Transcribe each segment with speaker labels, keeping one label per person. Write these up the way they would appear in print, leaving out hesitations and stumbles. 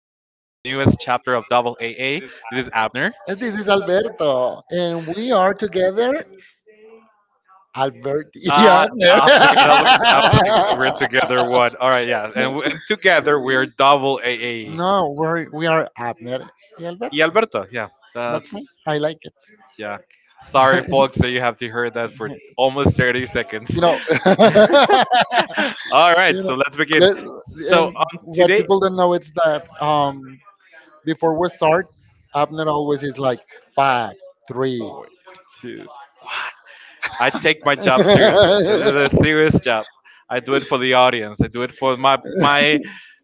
Speaker 1: chapter of Double AA. This is Abner.
Speaker 2: And this is Alberto, and we are together. Albert. Yeah,
Speaker 1: Ah,
Speaker 2: Abner.
Speaker 1: Abner and Albert, I was like, we're together. What? All right, yeah, and we- and together we're Double AA.
Speaker 2: No, we are Abner y Alberto.
Speaker 1: Y Alberto, yeah,
Speaker 2: That's me.
Speaker 1: that's
Speaker 2: I like it.
Speaker 1: yeah. Sorry, folks, that you have to hear that for almost 30 seconds.
Speaker 2: You know.
Speaker 1: All right,
Speaker 2: you know
Speaker 1: so let's begin.
Speaker 2: let-
Speaker 1: So
Speaker 2: and
Speaker 1: on
Speaker 2: what
Speaker 1: today,
Speaker 2: people don't know is that before we start, Abner always is like five, three.
Speaker 1: four, two. I take my job seriously. This is a serious job. I do it for the audience. I do it for my my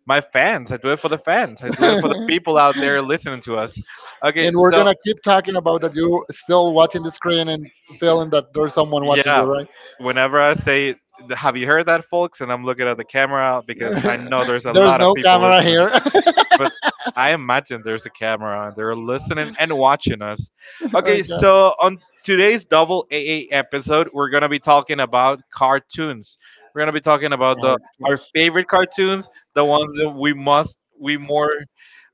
Speaker 1: my fans. I do it for the fans. I do it for the
Speaker 2: And
Speaker 1: people out there listening to us. Okay,
Speaker 2: we're going
Speaker 1: so
Speaker 2: to keep talking about that you're still watching the screen and feeling that there's someone watching you,
Speaker 1: yeah,
Speaker 2: right?
Speaker 1: whenever I say, "Have you heard that, folks?" and I'm looking at the camera because I know there's a
Speaker 2: There's
Speaker 1: lot of
Speaker 2: no
Speaker 1: people
Speaker 2: camera
Speaker 1: listening,
Speaker 2: here.
Speaker 1: but I imagine there's a camera and they're listening and watching us. Okay,
Speaker 2: Okay.
Speaker 1: so on today's Double A episode, we're gonna be talking about cartoons. We're gonna be talking about the
Speaker 2: Our-
Speaker 1: our favorite cartoons, the ones that we more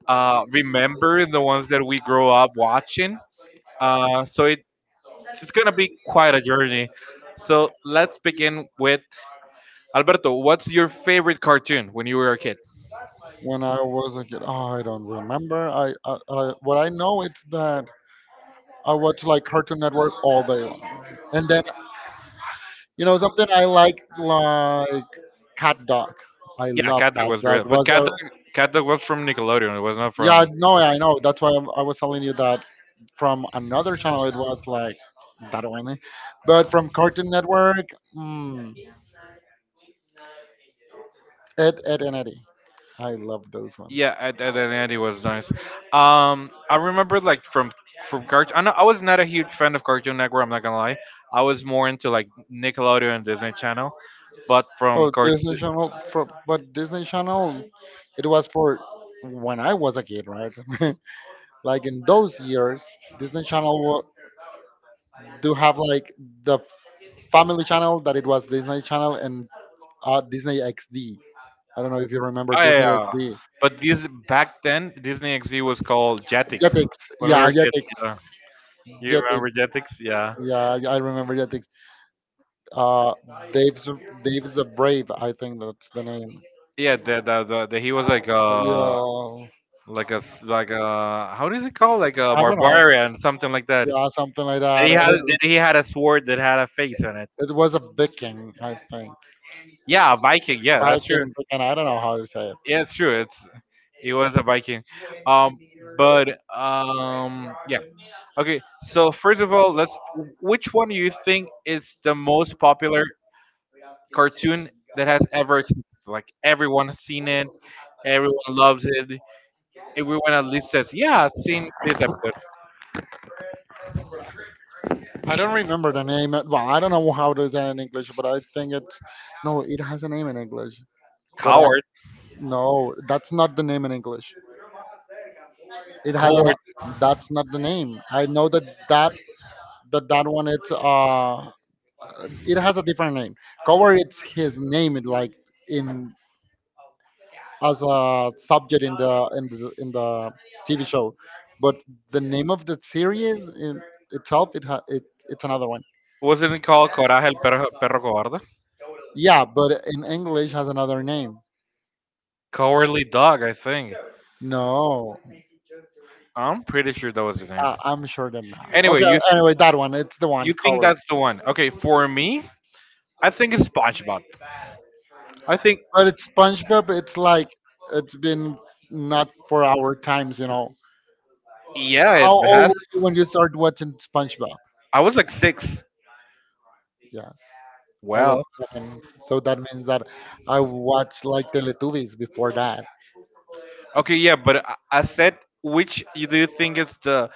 Speaker 1: remember, and the ones that we grow up watching. Uh, so it, it's gonna be quite a journey. So let's begin with Alberto. What's your favorite cartoon when you were a kid?
Speaker 2: When I was a kid, oh, I don't remember. I what I know it's that I watch like Cartoon Network all day long, and then you know something I like Cat Dog. I
Speaker 1: Yeah,
Speaker 2: love
Speaker 1: Cat Dog
Speaker 2: Cat
Speaker 1: was
Speaker 2: Dog.
Speaker 1: great, but
Speaker 2: Was a
Speaker 1: Cat Dog was from Nickelodeon. It was not
Speaker 2: Yeah,
Speaker 1: from.
Speaker 2: no, I know. That's why I was telling you that from another channel it was like that one, but from Cartoon Network, mm, Ed, Ed and Eddie. I love those ones.
Speaker 1: Yeah, Ed, Ed and Eddie was nice. I remember like from cartoon. I know I was not a huge fan of Cartoon Network. I'm not gonna lie. I was more into like Nickelodeon and Disney Channel, but from
Speaker 2: Oh, Disney
Speaker 1: cartoon.
Speaker 2: Channel for but Disney Channel, it was for when I was a kid, right? Like in those years, Disney Channel do have like the Family Channel that it was Disney Channel and Disney XD. I don't know if you remember
Speaker 1: I,
Speaker 2: Disney
Speaker 1: uh,
Speaker 2: XD.
Speaker 1: but this back then Disney XD was called Jetix
Speaker 2: Jetix,
Speaker 1: when we were
Speaker 2: yeah,
Speaker 1: kids.
Speaker 2: Jetix,
Speaker 1: Yeah, you
Speaker 2: Jetix,
Speaker 1: remember Jetix? Yeah,
Speaker 2: yeah, I remember Jetix. Uh, Dave's Dave's the Brave, I think that's the name.
Speaker 1: yeah. The he was
Speaker 2: Yeah,
Speaker 1: like like a, how does it call, like a
Speaker 2: I don't know.
Speaker 1: barbarian, something like that.
Speaker 2: Yeah, something like
Speaker 1: That
Speaker 2: that.
Speaker 1: he had, that he had a sword that had a face on it.
Speaker 2: It was a Viking, I think.
Speaker 1: Yeah, a Viking. Yeah, that's true.
Speaker 2: Viking, Viking. I don't know how to say it.
Speaker 1: Yeah, it's true. It's he was a Viking. Um, but yeah. Okay, so first of all, let's. Which one do you think is the most popular cartoon that has ever existed? Like everyone has seen it, everyone loves it. Everyone at least says, "Yeah, I've seen this episode."
Speaker 2: I don't remember the name. Well, I don't know how to say it in English, but I think it. No, it has a name in English. But I,
Speaker 1: Coward,
Speaker 2: no, that's not the name in English. It has an.
Speaker 1: coward.
Speaker 2: That's not the name. I know that that one. It's it has a different name. Cover. It's his name. It like in as a subject in the TV show, but the name of the series in itself it, ha, it it's another one.
Speaker 1: Wasn't it called Coraje el perro, perro cobarde?
Speaker 2: Yeah, but in English has another name.
Speaker 1: Cowardly dog, I think.
Speaker 2: No,
Speaker 1: I'm pretty sure that was the name.
Speaker 2: I'm sure that not.
Speaker 1: Anyway,
Speaker 2: Okay,
Speaker 1: you
Speaker 2: anyway, that one it's the one
Speaker 1: you think
Speaker 2: covered.
Speaker 1: that's the one? Okay, for me, I think it's SpongeBob. I think
Speaker 2: But it's SpongeBob. It's like it's been not for our times.
Speaker 1: yeah,
Speaker 2: How
Speaker 1: it
Speaker 2: old
Speaker 1: has.
Speaker 2: were you when you started watching SpongeBob?
Speaker 1: I was like six.
Speaker 2: Yes. I was
Speaker 1: Well,
Speaker 2: seven, so that means that I watched like Teletubbies before that.
Speaker 1: okay, yeah, but I said which you do you think is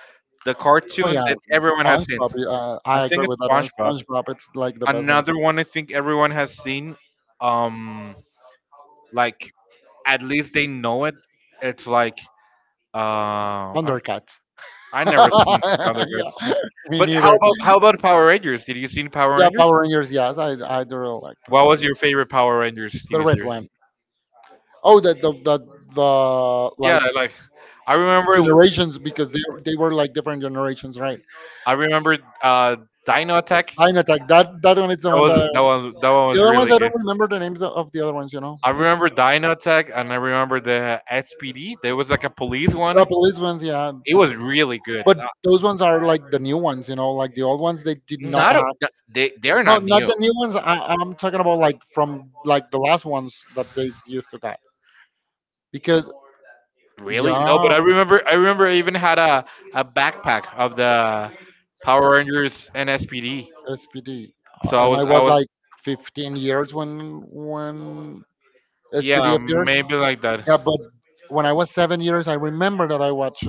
Speaker 1: the
Speaker 2: Oh
Speaker 1: cartoon
Speaker 2: yeah,
Speaker 1: that everyone has seen?
Speaker 2: SpongeBob.
Speaker 1: I
Speaker 2: I
Speaker 1: think
Speaker 2: agree
Speaker 1: it's
Speaker 2: with that one.
Speaker 1: SpongeBob.
Speaker 2: SpongeBob, it's like the best one.
Speaker 1: Another one I think everyone has seen. Um, Like at least they know it. It's like uh, I,
Speaker 2: Thundercats.
Speaker 1: I never seen other
Speaker 2: Yeah,
Speaker 1: guys.
Speaker 2: me
Speaker 1: But
Speaker 2: neither.
Speaker 1: how about Power Rangers? Did you see Power
Speaker 2: Yeah,
Speaker 1: Rangers?
Speaker 2: Power Rangers. Yes, I do really like
Speaker 1: What
Speaker 2: Power
Speaker 1: was your
Speaker 2: Rangers.
Speaker 1: favorite Power Rangers
Speaker 2: The
Speaker 1: TV
Speaker 2: red
Speaker 1: series?
Speaker 2: one. Oh, the
Speaker 1: Yeah,
Speaker 2: like
Speaker 1: like I remember
Speaker 2: generations because they were like different generations, right?
Speaker 1: I remember uh, Dino Attack.
Speaker 2: Time Attack. That one is the one that
Speaker 1: That one was
Speaker 2: the other ones
Speaker 1: really
Speaker 2: I don't
Speaker 1: good.
Speaker 2: remember the names of the other ones. You know,
Speaker 1: I remember Dino Attack and I remember the SPD. There was like a police
Speaker 2: the
Speaker 1: one.
Speaker 2: police ones. Yeah,
Speaker 1: It was really good.
Speaker 2: but those ones are like the new ones, like the old ones they did not
Speaker 1: Not
Speaker 2: have.
Speaker 1: they they're
Speaker 2: No,
Speaker 1: not
Speaker 2: not
Speaker 1: new.
Speaker 2: the new ones. I'm talking about like from like the last ones that they used to get because
Speaker 1: Really? No,
Speaker 2: yeah,
Speaker 1: but I remember I even had a backpack of the Power Rangers NSPD.
Speaker 2: SPD,
Speaker 1: So I
Speaker 2: and I
Speaker 1: was I
Speaker 2: was
Speaker 1: was
Speaker 2: like 15 years when SPD
Speaker 1: yeah,
Speaker 2: appears.
Speaker 1: maybe like that.
Speaker 2: Yeah, but when I was 7 years, I remember that I watched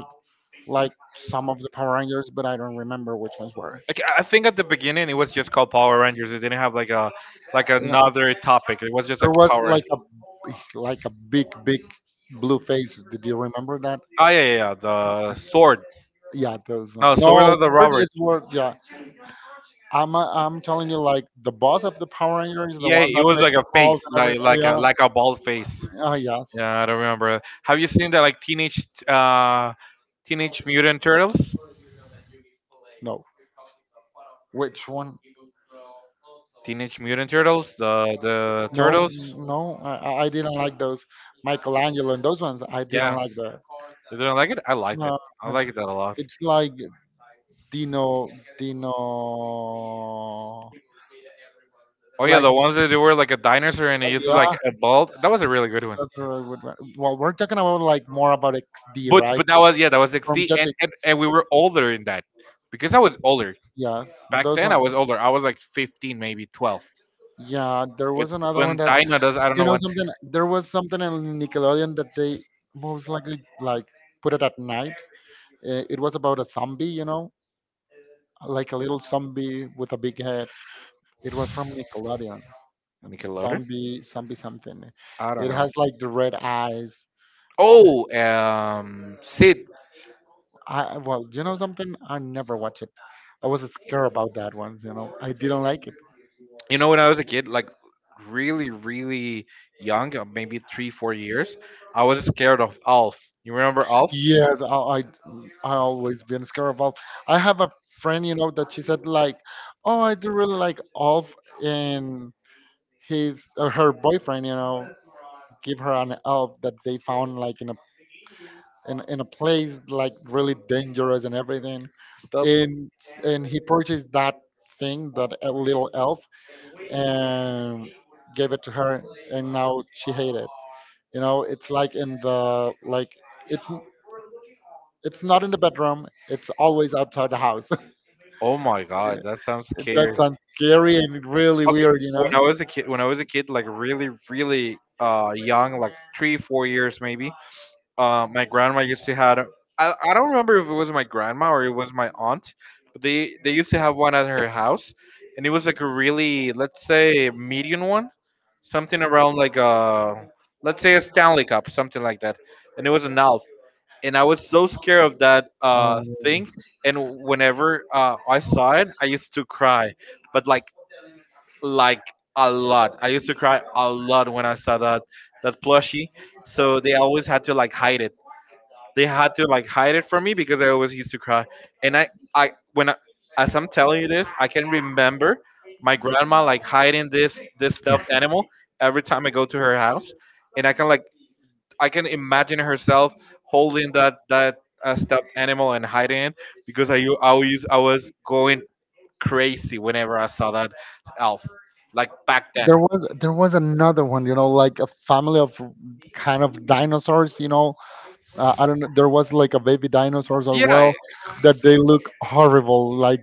Speaker 2: like some of the Power Rangers, but I don't remember which ones were.
Speaker 1: Like, I think at the beginning it was just called Power Rangers. It didn't have like a like another topic. It was just
Speaker 2: There
Speaker 1: like
Speaker 2: was
Speaker 1: Power
Speaker 2: like
Speaker 1: Rangers.
Speaker 2: a big blue face. Did you remember that?
Speaker 1: Ah, yeah, yeah, yeah, the sword.
Speaker 2: Yeah, those
Speaker 1: No,
Speaker 2: one.
Speaker 1: sword
Speaker 2: No,
Speaker 1: of
Speaker 2: it's
Speaker 1: the
Speaker 2: word.
Speaker 1: Roberts.
Speaker 2: It's word. Yeah, I'm telling you, like the boss of the Power Rangers, the
Speaker 1: Yeah,
Speaker 2: one
Speaker 1: it
Speaker 2: that
Speaker 1: was
Speaker 2: makes
Speaker 1: like
Speaker 2: the
Speaker 1: a
Speaker 2: calls
Speaker 1: face,
Speaker 2: and
Speaker 1: like,
Speaker 2: everything. Oh,
Speaker 1: like
Speaker 2: yeah,
Speaker 1: a bald face.
Speaker 2: oh yes.
Speaker 1: Yeah, I don't remember. Have you seen that, like, teenage Teenage Mutant Turtles.
Speaker 2: No, which one?
Speaker 1: Teenage Mutant Turtles, the
Speaker 2: No,
Speaker 1: turtles.
Speaker 2: no, I didn't like those Michelangelo and those ones. I didn't
Speaker 1: Yeah,
Speaker 2: like that.
Speaker 1: you didn't like it. I liked it.
Speaker 2: No,
Speaker 1: I
Speaker 2: uh,
Speaker 1: liked that a lot.
Speaker 2: it's like Dino, Dino,
Speaker 1: Oh yeah,
Speaker 2: like
Speaker 1: the ones that they were like a dinosaur and it
Speaker 2: oh
Speaker 1: used to
Speaker 2: yeah,
Speaker 1: like a bald. That was a really good one.
Speaker 2: that's a really good one. Well, we're talking about like more about XD, right?
Speaker 1: But that was yeah, that was
Speaker 2: From
Speaker 1: 60,
Speaker 2: Jetix,
Speaker 1: and we were older in that because I was older
Speaker 2: yes.
Speaker 1: back
Speaker 2: Those
Speaker 1: then. I
Speaker 2: one,
Speaker 1: was older. I was like 15, maybe 12.
Speaker 2: yeah. There
Speaker 1: But
Speaker 2: was another one
Speaker 1: when
Speaker 2: that
Speaker 1: Dino does, I don't
Speaker 2: you know
Speaker 1: know.
Speaker 2: something. There was something in Nickelodeon that they most likely like put it at night. It was about a zombie, like a little zombie with a big head. It was from Nickelodeon.
Speaker 1: Nickelodeon?
Speaker 2: Zombie, zombie something.
Speaker 1: I don't
Speaker 2: It
Speaker 1: know.
Speaker 2: has like the red eyes.
Speaker 1: Oh, Sid.
Speaker 2: I Well, you know something? I never watch it. I was scared about that one. You know, I didn't like it.
Speaker 1: You know, when I was a kid, like really, really young, maybe three, 4 years, I was scared of Alf. You remember Alf?
Speaker 2: Yes, I always been scared about. I have a friend, you know, that she said like, oh, I do really like Alf and his or her boyfriend, give her an elf that they found like in a in, in a place like really dangerous and everything,
Speaker 1: The,
Speaker 2: and he purchased that thing that a little elf and gave it to her and now she hates it. It's like in the like it's it's not in the bedroom. It's always outside the house.
Speaker 1: oh my God, that sounds
Speaker 2: That
Speaker 1: scary.
Speaker 2: sounds scary and really
Speaker 1: Okay,
Speaker 2: weird.
Speaker 1: when I was a kid, when I was a kid, like really, really young, like three, 4 years maybe, my grandma used to had. I don't remember if it was my grandma or it was my aunt, but they used to have one at her house, and it was like a really, let's say, medium one, something around like a, let's say, a Stanley Cup, something like that, and it was an elf. And I was so scared of that
Speaker 2: um,
Speaker 1: thing, and whenever I saw it, I used to cry, but like a lot. I used to cry a lot when I saw that that plushie, so they always had to like hide it, they had to like hide it from me because I always used to cry. And I when I, as I'm telling you this, I can remember my grandma like hiding this stuffed animal every time I go to her house, and I can like I can imagine herself holding that stuffed animal and hiding it because I was going crazy whenever I saw that elf, like back then.
Speaker 2: there was another one like a family of kind of dinosaurs. I don't know there was like a baby dinosaurs as
Speaker 1: Yeah,
Speaker 2: well that they look horrible like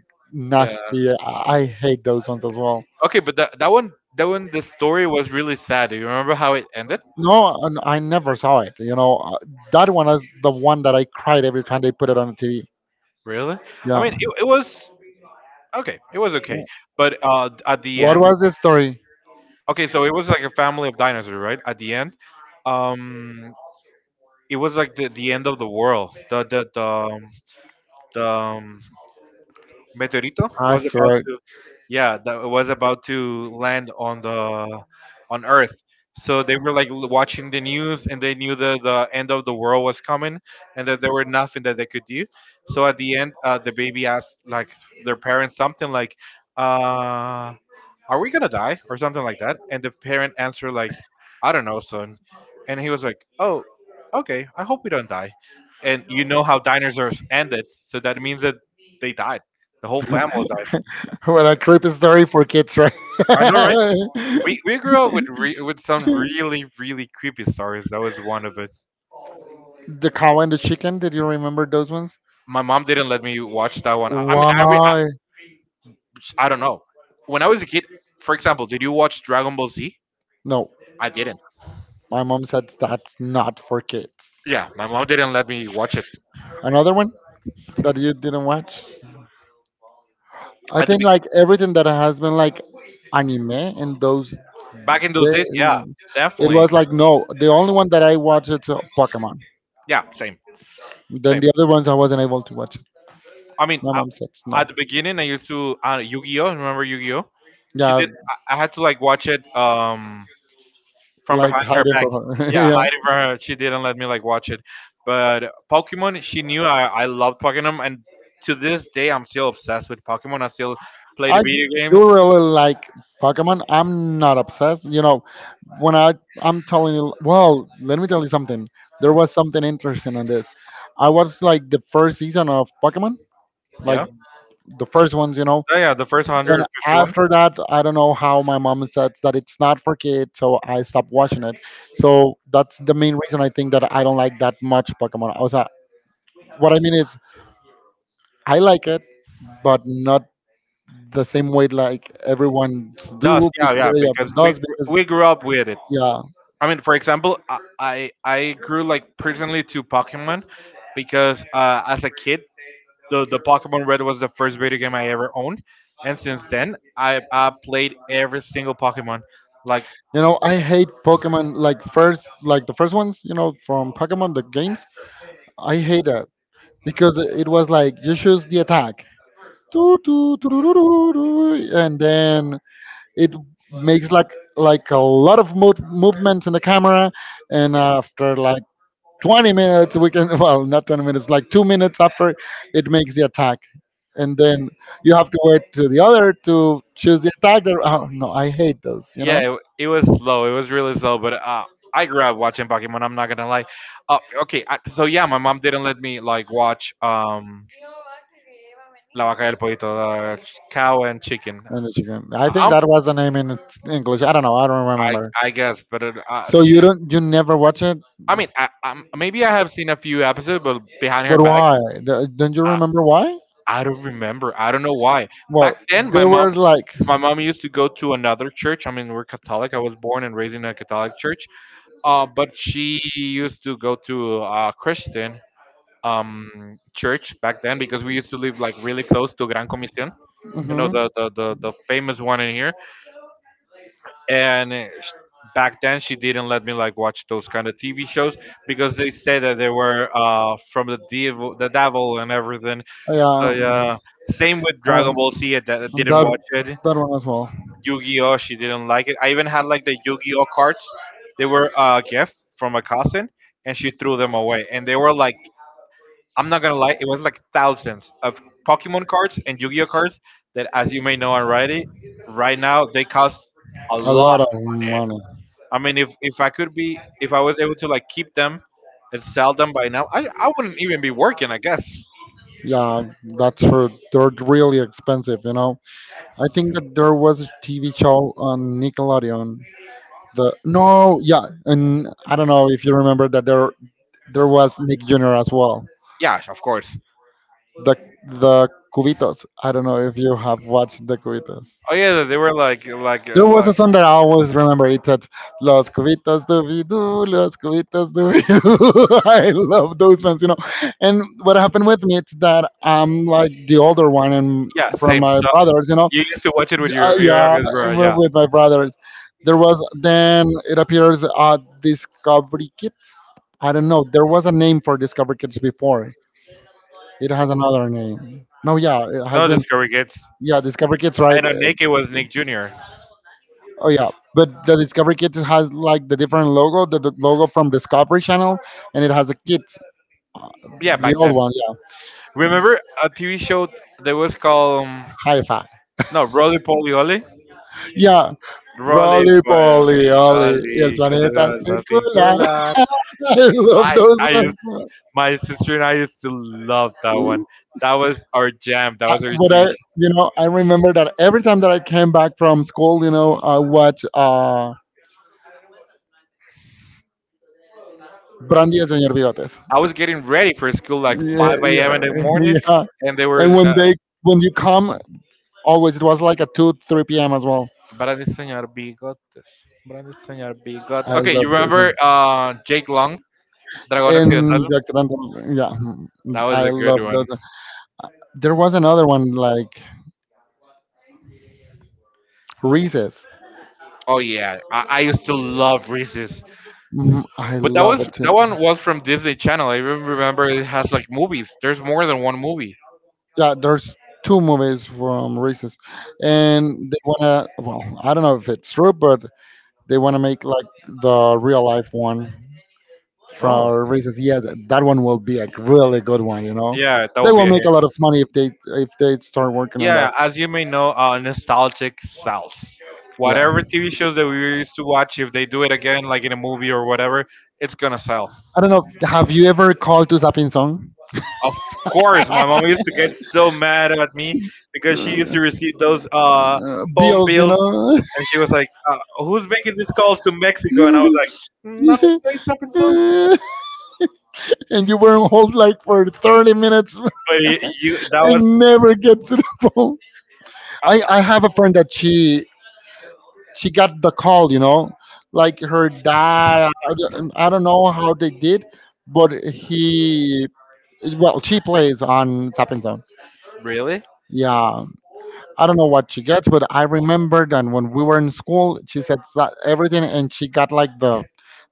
Speaker 1: yeah.
Speaker 2: nasty. I hate those ones as well.
Speaker 1: Okay, but that one, the story was really sad. Do you remember how it ended?
Speaker 2: No, and I never saw it. You know, that one is the one that I cried every time they put it on the TV.
Speaker 1: Really? I
Speaker 2: Yeah.
Speaker 1: mean, it was okay. It was okay, but at the
Speaker 2: What
Speaker 1: end,
Speaker 2: was the story?
Speaker 1: okay, so it was like a family of dinosaurs, right? At the end, um, it was like the end of the world. The Meteorito
Speaker 2: I
Speaker 1: was about
Speaker 2: saw it.
Speaker 1: to, yeah, that was about to land on the on Earth. So they were like watching the news, and they knew that the end of the world was coming, and that there were nothing that they could do. So at the end, the baby asked like their parents something like, uh, are we gonna die or something like that, and the parent answered like, I don't know, son. And he was like, oh, okay, I hope we don't die. And you know how dinosaurs ended, so that means that they died. The whole family died.
Speaker 2: What a creepy story for kids, right?
Speaker 1: I know, right? we,
Speaker 2: The
Speaker 1: we grew up with with some really, really creepy stories. That was one of it.
Speaker 2: cow and the chicken. Did you remember those ones?
Speaker 1: My mom didn't let me watch that one.
Speaker 2: Why?
Speaker 1: I don't know. When I was a kid, for example, did you watch Dragon Ball Z?
Speaker 2: No,
Speaker 1: I didn't.
Speaker 2: my mom said that's not for kids.
Speaker 1: Yeah, my mom didn't let me watch it.
Speaker 2: Another one that you didn't watch. I
Speaker 1: at the
Speaker 2: think
Speaker 1: be-
Speaker 2: like everything that has been like anime and those.
Speaker 1: Back in those
Speaker 2: They,
Speaker 1: days, yeah,
Speaker 2: it
Speaker 1: definitely.
Speaker 2: was like no. The only one that I watched is Pokemon.
Speaker 1: Yeah, same.
Speaker 2: Then the other ones I wasn't able to watch it.
Speaker 1: I mean,
Speaker 2: My
Speaker 1: I,
Speaker 2: mom said no.
Speaker 1: at the beginning, I used to Yu-Gi-Oh. Remember Yu-Gi-Oh? She
Speaker 2: Yeah,
Speaker 1: did. I had to like watch it from
Speaker 2: like
Speaker 1: behind her
Speaker 2: hiding
Speaker 1: back.
Speaker 2: from her.
Speaker 1: Yeah,
Speaker 2: Yeah,
Speaker 1: hiding from her. She didn't let me like watch it. But Pokemon, she knew I loved Pokemon, and to this day, I'm still obsessed with Pokemon. I still play the
Speaker 2: I
Speaker 1: video games.
Speaker 2: do really like Pokemon. I'm not obsessed. You know, when I I'm telling you, well, let me tell you something. There was something interesting in this. I watched like the first season of Pokemon, like
Speaker 1: Yeah.
Speaker 2: the first ones, you know.
Speaker 1: Oh yeah, the first
Speaker 2: Then
Speaker 1: 151
Speaker 2: after that, I don't know how my mom said that it's not for kids, so I stopped watching it. So that's the main reason I think that I don't like that much Pokemon. I was What I mean is I like it, but not the same way like everyone
Speaker 1: does.
Speaker 2: do
Speaker 1: Yeah,
Speaker 2: because-
Speaker 1: yeah,
Speaker 2: yeah,
Speaker 1: because
Speaker 2: does because
Speaker 1: we grew up with it.
Speaker 2: yeah.
Speaker 1: I mean, for example, I grew like personally to Pokemon because as a kid, the Pokemon Red was the first video game I ever owned, and since then I played every single Pokemon. Like
Speaker 2: I hate Pokemon like first like the first ones from Pokemon the games. I hate it because it was like you choose the attack. Doo, doo, doo, doo, doo, doo, doo, and then it makes like a lot of movements in the camera and after like 20 minutes we can well not 20 minutes like 2 minutes after it makes the attack, and then you have to wait to the other to choose the attack that, oh no I hate those.
Speaker 1: yeah, it was slow. It was really slow, but I grew up watching Pokemon. I'm not gonna lie. So yeah, my mom didn't let me like watch La Vaca y el Pollito, the cow and chicken.
Speaker 2: I think
Speaker 1: Um,
Speaker 2: that was the name in its English. I don't know, I don't
Speaker 1: I
Speaker 2: remember.
Speaker 1: I guess, but
Speaker 2: So you
Speaker 1: she.
Speaker 2: don't you never watch it.
Speaker 1: I mean, maybe I have seen a few episodes, but behind her
Speaker 2: But
Speaker 1: back,
Speaker 2: why? Don't you
Speaker 1: I,
Speaker 2: remember why?
Speaker 1: I don't remember. I don't know why. Back
Speaker 2: Well
Speaker 1: then,
Speaker 2: they were like
Speaker 1: my mom used to go to another church. I mean, we're Catholic. I was born and raised in a Catholic church. But she used to go to a Christian church back then because we used to live like really close to Gran Comisión, you know,
Speaker 2: hmm
Speaker 1: the famous one in here. And back then she didn't let me like watch those kind of TV shows because they said that they were from the devil and everything. So,
Speaker 2: yeah.
Speaker 1: yeah, same with Dragon
Speaker 2: Uh,
Speaker 1: Ball Z. I didn't
Speaker 2: That
Speaker 1: watch it.
Speaker 2: that one as well.
Speaker 1: Yu-Gi-Oh! She didn't like it. I even had like the Yu-Gi-Oh cards. They were a gift from a cousin, and she threw them away. And they were like, I'm not gonna lie, it was like thousands of Pokemon cards and Yu-Gi-Oh cards that, as you may know already, right now they cost a
Speaker 2: A
Speaker 1: lot.
Speaker 2: lot of money.
Speaker 1: I mean, if I could be, if I was able to like keep them and sell them by now, I wouldn't even be working, I guess.
Speaker 2: Yeah, that's true. They're really expensive. I think that there was a TV show on Nickelodeon. The No, yeah, and I don't know if you remember that there was Nick Jr. as well.
Speaker 1: Yeah, of course.
Speaker 2: The the Cubitos. I don't know if you have watched the Cubitos.
Speaker 1: Oh yeah, they were like like
Speaker 2: There
Speaker 1: uh,
Speaker 2: was
Speaker 1: like
Speaker 2: a song that I always remember. It said, Los Cubitos Doobie Doo, Los Cubitos Doobie Doo. I love those ones. And what happened with me is that I'm like the older one and
Speaker 1: yeah,
Speaker 2: from
Speaker 1: same.
Speaker 2: my
Speaker 1: So
Speaker 2: brothers.
Speaker 1: you used to watch it with your
Speaker 2: Yeah,
Speaker 1: youngest brother,
Speaker 2: with
Speaker 1: yeah.
Speaker 2: with my brothers. Then it appears Discovery Kids. I don't know. There was a name for Discovery Kids before. It has another name. No, yeah, it has
Speaker 1: No
Speaker 2: been.
Speaker 1: Discovery Kids.
Speaker 2: Yeah, Discovery Kids, right?
Speaker 1: And on Naked was Nick Jr.
Speaker 2: Oh yeah, but the Discovery Kids has like the different logo, the logo from Discovery Channel, and it has a kit,
Speaker 1: Yeah, back
Speaker 2: the old
Speaker 1: then.
Speaker 2: one, yeah,
Speaker 1: Remember a TV show that was called
Speaker 2: hi-fi.
Speaker 1: no Rolly Poly Olly?
Speaker 2: Yeah,
Speaker 1: Rolly
Speaker 2: Rolly Polly,
Speaker 1: Poly
Speaker 2: Olly, el
Speaker 1: Olly, que te
Speaker 2: planeta
Speaker 1: vas a
Speaker 2: circular.
Speaker 1: singular.
Speaker 2: I love
Speaker 1: I
Speaker 2: those
Speaker 1: I used
Speaker 2: ones.
Speaker 1: my sister and I used to love that one. That was our jam. That was our
Speaker 2: But I,
Speaker 1: huge.
Speaker 2: you know, I remember that every time that I came back from school, I watch Brandy and Señor Bigotes.
Speaker 1: I was getting ready for school like
Speaker 2: Yeah,
Speaker 1: 5 a.m.
Speaker 2: yeah,
Speaker 1: in the morning,
Speaker 2: yeah.
Speaker 1: and they were
Speaker 2: And when you come, always it was like a two, three p.m. as well.
Speaker 1: Brandy Señor Bigotes. Brandy Señor Bigotes.
Speaker 2: I
Speaker 1: Okay, you
Speaker 2: love those
Speaker 1: remember
Speaker 2: ones.
Speaker 1: Jake Long? Dragon
Speaker 2: And
Speaker 1: Occidental.
Speaker 2: the accidental. Yeah,
Speaker 1: That was
Speaker 2: I
Speaker 1: a good
Speaker 2: love
Speaker 1: one.
Speaker 2: those. There was another one like Reese's.
Speaker 1: Oh yeah, I used to love Reese's,
Speaker 2: Mm, I
Speaker 1: but that
Speaker 2: love
Speaker 1: was
Speaker 2: it too.
Speaker 1: that one was from Disney Channel. I even remember it has like movies. There's more than one movie.
Speaker 2: Yeah, there's two movies from Reese's. And they want to, well, I don't know if it's true, but they want to make like the real life one from
Speaker 1: Oh,
Speaker 2: Reese's, yes. That one will be a really good one, you know.
Speaker 1: yeah, that
Speaker 2: They
Speaker 1: will be
Speaker 2: will
Speaker 1: a
Speaker 2: make
Speaker 1: hit.
Speaker 2: a lot of money if they, if they start working on that.
Speaker 1: Yeah, as you may know, nostalgic sells. Whatever
Speaker 2: Yeah,
Speaker 1: TV shows that we used to watch, if they do it again, like in a movie or whatever, it's gonna sell.
Speaker 2: I don't know, have you ever called to Zapping Song?
Speaker 1: Of course, my mom used to get so mad at me because she used
Speaker 2: uh,
Speaker 1: to receive those phone
Speaker 2: Bills, you
Speaker 1: bills,
Speaker 2: know.
Speaker 1: and she was like, "Who's making these calls to Mexico?" And I was like, "Mm, no, it's up and so."
Speaker 2: And you were on hold like for 30 minutes,
Speaker 1: But y you, that was
Speaker 2: and never get to the phone. I have a friend that she got the call, you know, like her dad. I don't know how they did, but he, well, she plays on Sapping Zone.
Speaker 1: really,
Speaker 2: Yeah, I don't know what she gets, but I remember that when we were in school, she said that everything, and she got like the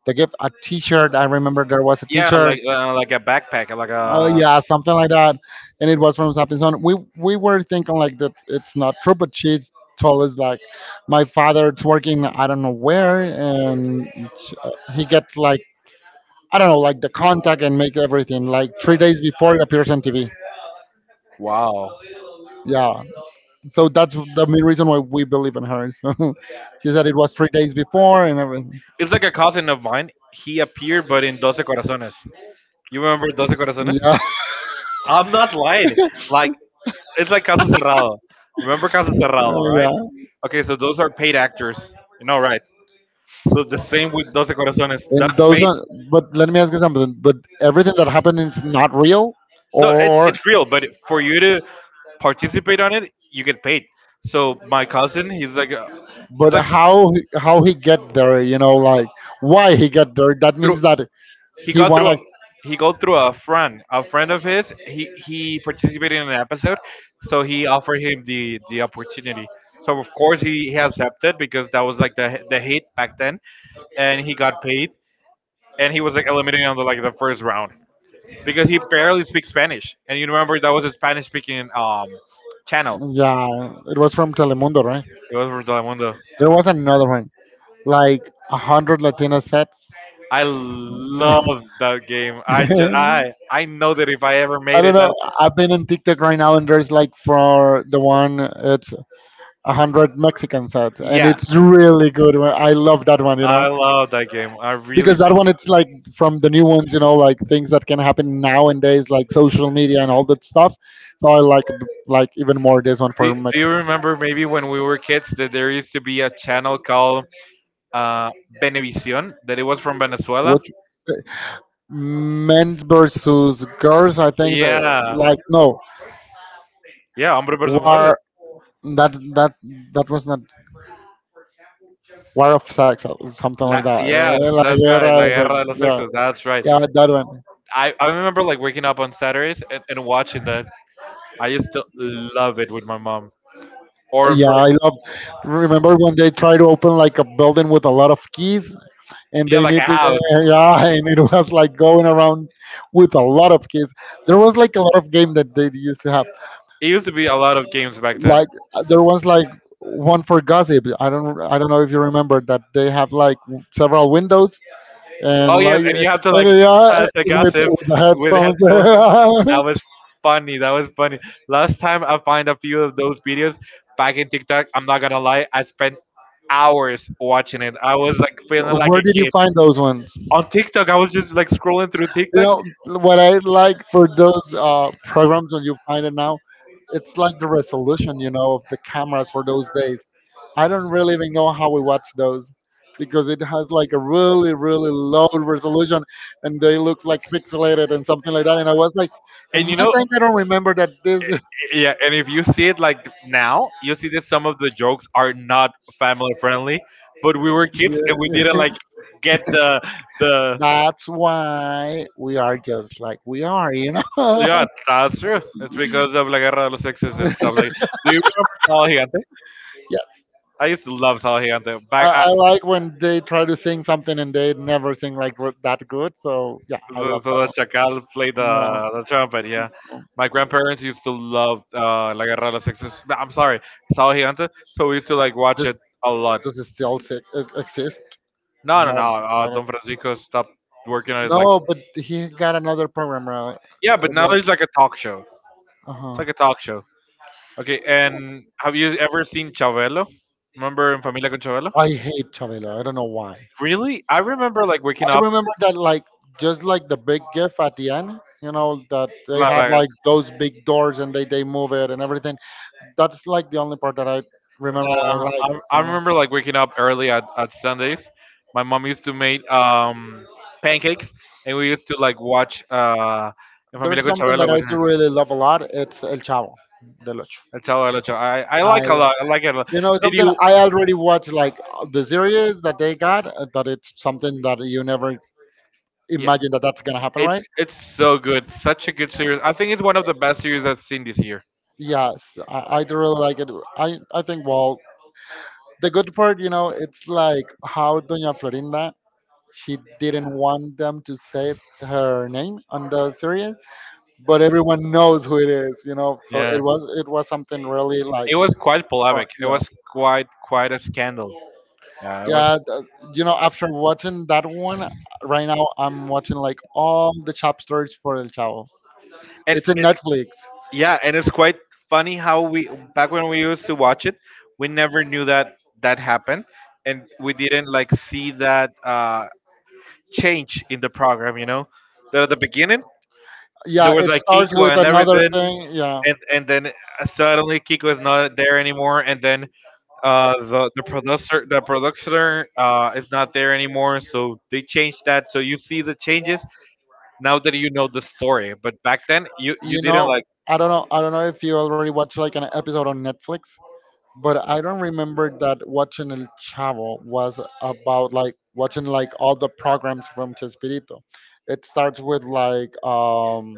Speaker 2: the gift, a T-shirt. I remember there was a
Speaker 1: yeah, I'm
Speaker 2: T-shirt.
Speaker 1: like a backpack, like
Speaker 2: Oh
Speaker 1: a
Speaker 2: yeah, something like that. And it was from something. So we were thinking like that it's not true, but she told us like my father's working I don't know where, and he gets like, I don't know, like the contact and make everything like 3 days before it appears on TV.
Speaker 1: wow.
Speaker 2: Yeah, so that's the main reason why we believe in her. So, she said it was 3 days before and everything.
Speaker 1: It's like a cousin of mine. He appeared, but in Doce Corazones. You remember Doce Corazones?
Speaker 2: Yeah.
Speaker 1: I'm not lying. Like it's like Caso Cerrado. Remember Caso Cerrado, right?
Speaker 2: Yeah,
Speaker 1: Okay, so those are paid actors. You know, right? So the same with Doce Corazones.
Speaker 2: and
Speaker 1: That's
Speaker 2: those
Speaker 1: paid.
Speaker 2: are, but let me ask you something, but everything that happened is not real,
Speaker 1: No, it's
Speaker 2: or?
Speaker 1: it's real, but for you to participate on it, you get paid. So my cousin, he's like,
Speaker 2: But how he get there, you know, like why he get there, that
Speaker 1: through,
Speaker 2: means that
Speaker 1: he
Speaker 2: he
Speaker 1: got through
Speaker 2: wanna.
Speaker 1: a he got through a friend of his. He participated in an episode, so he offered him the opportunity. So of course he accepted because that was like the hit back then, and he got paid, and he was like eliminated on the like the first round because he barely speaks Spanish, and you remember that was a Spanish speaking channel.
Speaker 2: Yeah, it was from Telemundo, right?
Speaker 1: It was from Telemundo.
Speaker 2: There was another one like a hundred Latino sets.
Speaker 1: I love that game. I just
Speaker 2: I
Speaker 1: I know that if I ever made
Speaker 2: don't
Speaker 1: it,
Speaker 2: know,
Speaker 1: that
Speaker 2: I've been in TikTok right now and there's like for the one, it's a hundred Mexican sets and
Speaker 1: yeah,
Speaker 2: it's really good, I love that one, you know.
Speaker 1: I love that game. I really
Speaker 2: Because that one it's like from the new ones, you know, like things that can happen nowadays like social media and all that stuff. So I like even more this one
Speaker 1: do,
Speaker 2: for
Speaker 1: do. You
Speaker 2: Mexico.
Speaker 1: remember maybe when we were kids that there used to be a channel called uh, Benevisión that it was from Venezuela?
Speaker 2: What, men versus girls, I think that,
Speaker 1: Yeah,
Speaker 2: like, no,
Speaker 1: yeah, hombre versus mujeres.
Speaker 2: war, that that that was not war of sex or something
Speaker 1: La,
Speaker 2: like that.
Speaker 1: yes,
Speaker 2: Eh, la
Speaker 1: that's right.
Speaker 2: guerra,
Speaker 1: La
Speaker 2: it's like,
Speaker 1: guerra de los
Speaker 2: yeah,
Speaker 1: sexos. That's right.
Speaker 2: yeah, that one.
Speaker 1: I remember like waking up on Saturdays, and watching that. I used to love it with my mom. Or
Speaker 2: Yeah,
Speaker 1: for
Speaker 2: I love, remember when they try to open like a building with a lot of keys and
Speaker 1: yeah,
Speaker 2: they
Speaker 1: like
Speaker 2: need
Speaker 1: a
Speaker 2: to go,
Speaker 1: house.
Speaker 2: yeah, and it was like going around with a lot of kids. There was like a lot of game that they used to have,
Speaker 1: It used to be a lot of games back then.
Speaker 2: like there was like one for gossip, I don't know if you remember that they have like several windows and
Speaker 1: Oh yes,
Speaker 2: like,
Speaker 1: and you have to like
Speaker 2: and yeah,
Speaker 1: pass the gossip
Speaker 2: with the
Speaker 1: with headphones. That
Speaker 2: headphones.
Speaker 1: was funny. That was funny. Last time I find a few of those videos back in TikTok, I'm not gonna lie, I spent hours watching it. I was like feeling like
Speaker 2: Where
Speaker 1: a
Speaker 2: did you
Speaker 1: kid.
Speaker 2: find those ones?
Speaker 1: On TikTok, I was just like scrolling through
Speaker 2: You
Speaker 1: TikTok,
Speaker 2: know what I like for those programs when you find it now, it's like the resolution, you know, of the cameras for those days. I don't really even know how we watch those because it has like a really, really low resolution and they look like pixelated and something like that. And I was like, in my
Speaker 1: and you know,
Speaker 2: time, I don't remember that this.
Speaker 1: yeah, and if you see it like now, you see that some of the jokes are not family friendly. But we were kids and we didn't
Speaker 2: Yeah.
Speaker 1: like get the the
Speaker 2: That's why we are just like we are, you know? Yeah.
Speaker 1: yeah. That's true. It's because of La Guerra de los Sexes and stuff like. Do you remember Sal Gigante? I used to love Sal Gigante. Back
Speaker 2: I
Speaker 1: I,
Speaker 2: like when they try to sing something and they never sing like that good. So, yeah, I
Speaker 1: so
Speaker 2: love
Speaker 1: so
Speaker 2: that
Speaker 1: the Chacal played the
Speaker 2: one. No.
Speaker 1: the trumpet. Yeah, my grandparents used to love La Guerra de los Sexes. No, I'm sorry, Sal Gigante. So we used to like watch
Speaker 2: Does,
Speaker 1: it a lot.
Speaker 2: does it still si, exist?
Speaker 1: No, no,
Speaker 2: No,
Speaker 1: no.
Speaker 2: not.
Speaker 1: Don Francisco stopped working on it like
Speaker 2: No, but he got another program, right?
Speaker 1: yeah, but
Speaker 2: It
Speaker 1: now
Speaker 2: was.
Speaker 1: it's like a talk show.
Speaker 2: Uh
Speaker 1: It's
Speaker 2: huh.
Speaker 1: like a talk show. Okay, and have you ever seen Chabelo? Remember in Familia con Chabelo?
Speaker 2: I hate Chabelo. I don't know why. I
Speaker 1: Really? I remember like waking up.
Speaker 2: remember that, like, just like the big gift at the end, you know, that they
Speaker 1: Like,
Speaker 2: have
Speaker 1: like,
Speaker 2: like those big doors and they move it and everything. That's like the only part that I remember that
Speaker 1: uh,
Speaker 2: I like,
Speaker 1: I, I
Speaker 2: you know.
Speaker 1: remember like waking up early at Sundays. My mom used to make pancakes, and we used to like watch in
Speaker 2: There's
Speaker 1: Familia con
Speaker 2: something
Speaker 1: Chabelo
Speaker 2: that I
Speaker 1: with her.
Speaker 2: do really love a lot. It's El Chavo del Ocho.
Speaker 1: El Chavo del Ocho. I
Speaker 2: I,
Speaker 1: like a lot. I like it a lot.
Speaker 2: you know,
Speaker 1: Did
Speaker 2: something
Speaker 1: you?
Speaker 2: I already watched like the series that they got. That it's something that you never
Speaker 1: Yeah,
Speaker 2: imagine that that's gonna happen,
Speaker 1: it's
Speaker 2: right?
Speaker 1: it's so good. Such a good series. I think it's one of the best series I've seen this year.
Speaker 2: Yes, I do really like it. I think, well, the good part, you know, it's like how Doña Florinda, she didn't want them to say her name on the series, but everyone knows who it is, you know. So it
Speaker 1: Yeah,
Speaker 2: was, it was something really like,
Speaker 1: it was quite
Speaker 2: fun,
Speaker 1: polemic. It
Speaker 2: yeah,
Speaker 1: was quite a scandal. Yeah, it was,
Speaker 2: yeah. You know, after watching that one, right now I'm watching like all the chapters for El Chavo.
Speaker 1: and
Speaker 2: It's in
Speaker 1: it,
Speaker 2: Netflix.
Speaker 1: yeah, and it's quite funny how we back when we used to watch it, we never knew that that happened, and we didn't like see that change in the program. You know, the beginning there
Speaker 2: Yeah,
Speaker 1: was
Speaker 2: it
Speaker 1: like
Speaker 2: starts
Speaker 1: Kiko
Speaker 2: with
Speaker 1: and
Speaker 2: another
Speaker 1: everything,
Speaker 2: thing. Yeah.
Speaker 1: and then suddenly Kiko is not there anymore, and then the producer is not there anymore, so they changed that. So you see the changes, now that you know the story. But back then, you
Speaker 2: You
Speaker 1: didn't
Speaker 2: know,
Speaker 1: like.
Speaker 2: I don't know. I don't know if you already watched like an episode on Netflix, but I don't remember that watching El Chavo was about like watching like all the programs from Chespirito. It starts with like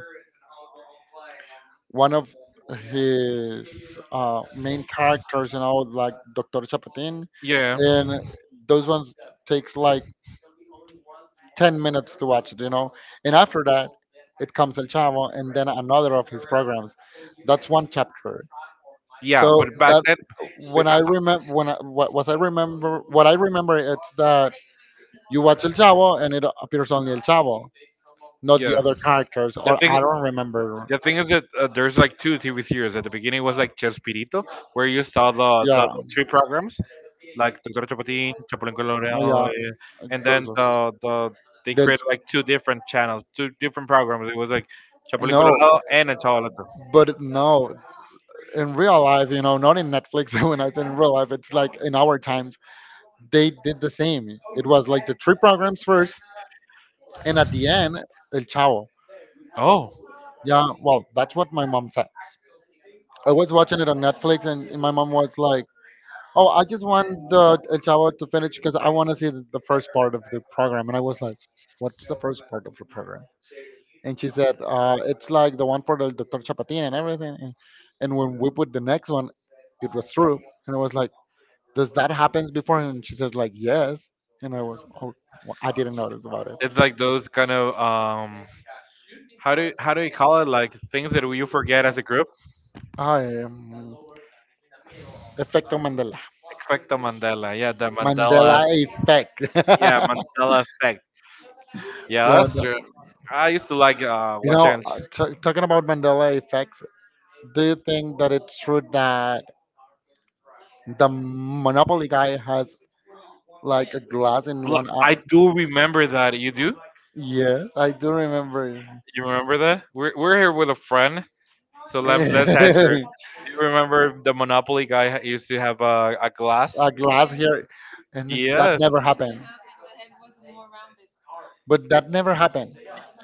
Speaker 2: one of his main characters, you know, like Doctor Chapatin,
Speaker 1: Yeah,
Speaker 2: and those ones takes like 10 minutes to watch it, you know. And after that, it comes El Chavo, and then another of his programs. That's one chapter.
Speaker 1: yeah.
Speaker 2: So
Speaker 1: But back
Speaker 2: that,
Speaker 1: then,
Speaker 2: when I
Speaker 1: I-
Speaker 2: remember when I, what was I remember what I remember it's that you watch El Chavo and it appears only El Chavo, not the
Speaker 1: yeah.
Speaker 2: other characters.
Speaker 1: The
Speaker 2: Or
Speaker 1: thing,
Speaker 2: I don't remember.
Speaker 1: the thing is that there's like two TV series. At the beginning was like Chespirito, where you saw
Speaker 2: Yeah,
Speaker 1: the three programs, like Doctor Chapatin, Chapulín
Speaker 2: oh,
Speaker 1: Colorado,
Speaker 2: yeah,
Speaker 1: and then
Speaker 2: those ones.
Speaker 1: they
Speaker 2: Then
Speaker 1: created like two different channels, two different programs. It was like Chapulín
Speaker 2: no,
Speaker 1: Colorado and El Chavo del Ocho.
Speaker 2: but no, in real life, you know, not in Netflix. When I said in real life, it's like in our times, they did the same. It was like the three programs first, and at the end, El Chavo.
Speaker 1: Oh,
Speaker 2: Yeah, well, that's what my mom says. I was watching it on Netflix, and my mom was like, "Oh, I just want the El Chavo to finish because I want to see the first part of the program." And I was like, "What's the first part of the program?" And she said, "It's like the one for the Dr. Chapatin and everything." And when we put the next one, it was through, and I was like, "Does that happens before?" And she says, "Like yes." And I was, "Oh, well, I didn't notice about it."
Speaker 1: it's like those kind of how do you call it like things that you forget as a group
Speaker 2: I Effecto Mandela.
Speaker 1: expecto mandela yeah the mandela
Speaker 2: Mandela effect.
Speaker 1: yeah
Speaker 2: Yeah,
Speaker 1: mandela effect yeah that's true
Speaker 2: the-
Speaker 1: I used to like
Speaker 2: you know,
Speaker 1: watching
Speaker 2: talking about Mandela effects, do you think that it's true that the Monopoly guy has like a glass in one
Speaker 1: I
Speaker 2: eye?
Speaker 1: do remember that you do
Speaker 2: Yes, I do remember.
Speaker 1: you remember that we're here with a friend, so let's ask her.
Speaker 2: A
Speaker 1: You remember the monopoly guy used to have a glass?
Speaker 2: glass here, and that
Speaker 1: Yes,
Speaker 2: never happened. But that never happened.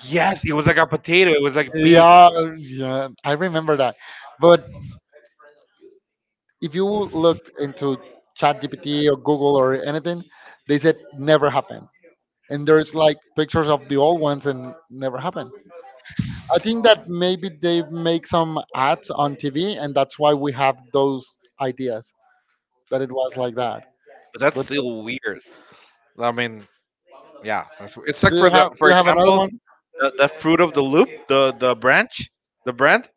Speaker 1: yes, it was like a potato. It was like big.
Speaker 2: Yeah, yeah, I remember that. But if you look into ChatGPT or Google or anything, they said never happened. And there's like pictures of the old ones and never happened. I think that maybe they make some ads on TV and that's why we have those ideas that it was like that.
Speaker 1: But that's
Speaker 2: But that's-
Speaker 1: still weird. I mean, yeah, it's
Speaker 2: do
Speaker 1: like for
Speaker 2: you
Speaker 1: the
Speaker 2: have,
Speaker 1: for
Speaker 2: do you have another
Speaker 1: example
Speaker 2: one?
Speaker 1: the fruit of the loop, the brand.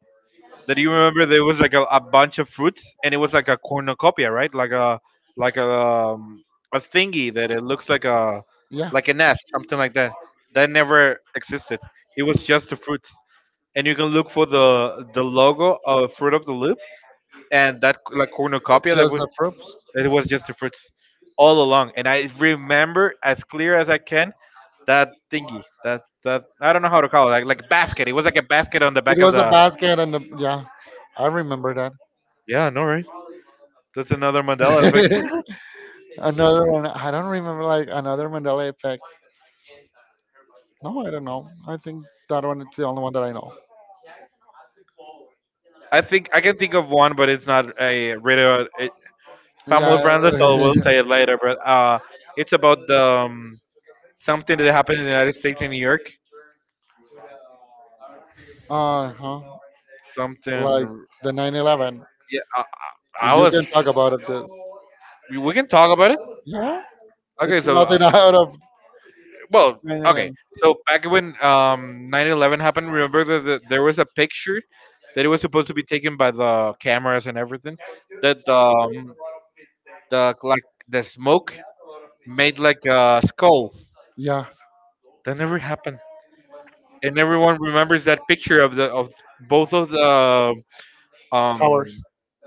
Speaker 1: That you remember there was like a bunch of fruits, and it was like a cornucopia, right? Like a thingy that it looks
Speaker 2: Yeah.
Speaker 1: like a nest, something like that. That never existed. It was just the fruits, and you can look for the logo of fruit of the loop, and that like
Speaker 2: It's
Speaker 1: cornucopia that
Speaker 2: just
Speaker 1: was
Speaker 2: the fruits.
Speaker 1: that it was just the fruits all along. And I remember as clear as I can that thingy, that I don't know how to call it, like a basket. It was like a basket on the back
Speaker 2: It
Speaker 1: of
Speaker 2: was a
Speaker 1: the.
Speaker 2: basket and a, yeah, I remember that.
Speaker 1: Yeah, no right. That's another Mandela effect.
Speaker 2: Another one. I don't remember like another Mandela effect. No, I don't know. I think that one is the only one that I know.
Speaker 1: I think I can think of one, but it's not family
Speaker 2: Yeah.
Speaker 1: friendly, so we'll say it later. But it's about the something that happened in the United States in New York.
Speaker 2: Uh huh. Like
Speaker 1: Something.
Speaker 2: the 9/11.
Speaker 1: Yeah, I
Speaker 2: You
Speaker 1: was.
Speaker 2: can talk about it. This.
Speaker 1: We can talk about it.
Speaker 2: Yeah.
Speaker 1: Okay,
Speaker 2: It's
Speaker 1: so.
Speaker 2: nothing out of
Speaker 1: Well,
Speaker 2: 9
Speaker 1: okay.
Speaker 2: 11.
Speaker 1: So back when 9/11 happened, remember that there was a picture that it was supposed to be taken by the cameras and everything that the like the smoke made like a skull.
Speaker 2: Yeah.
Speaker 1: That never happened, and everyone remembers that picture of the of both of the
Speaker 2: Towers.
Speaker 1: um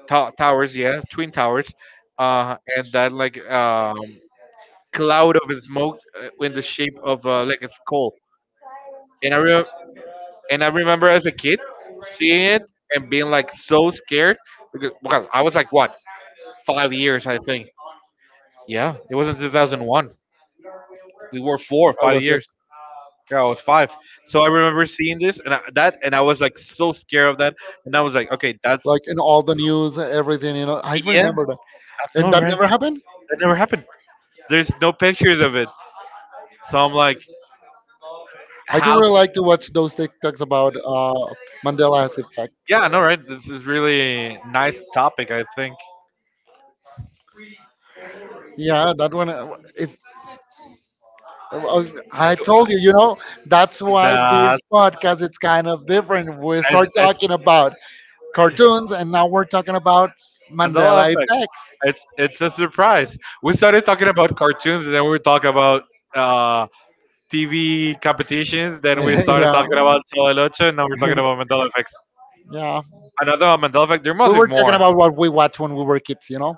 Speaker 1: towers, yeah, twin towers, and that like cloud of smoke in the shape of like a skull. And I, re- And I remember as a kid seeing it and being like so scared because well, I was like what 5 years I think. Yeah, it was in 2001. We were four,
Speaker 2: I
Speaker 1: five
Speaker 2: was
Speaker 1: years. Yeah, I was five. So I remember seeing this and I was like so scared of that. And I was like, okay, that's
Speaker 2: like in all the news, everything. You know, I
Speaker 1: yeah,
Speaker 2: remember that,
Speaker 1: I
Speaker 2: and
Speaker 1: know,
Speaker 2: that
Speaker 1: right?
Speaker 2: never happened.
Speaker 1: That never happened. There's no pictures of it. So I'm like,
Speaker 2: I do
Speaker 1: how?
Speaker 2: really like to watch those TikToks about Mandela's effect.
Speaker 1: Yeah, I know, right? This is really nice topic. I think
Speaker 2: Yeah, that one. If uh, I told you, you know, that's why
Speaker 1: that
Speaker 2: this podcast is kind of different. We start
Speaker 1: it's,
Speaker 2: talking about cartoons, and now we're talking about
Speaker 1: Mandela
Speaker 2: Mandela
Speaker 1: effects.
Speaker 2: effects.
Speaker 1: It's a surprise. We started talking about cartoons, and then we were talking about uh, TV competitions. Then we started
Speaker 2: Yeah,
Speaker 1: talking about Telelocha, and now we're talking about Mandela effects.
Speaker 2: yeah.
Speaker 1: Another one, Mandela effect. There must
Speaker 2: We
Speaker 1: be
Speaker 2: were talking
Speaker 1: more.
Speaker 2: about what we watched when we were kids, you know.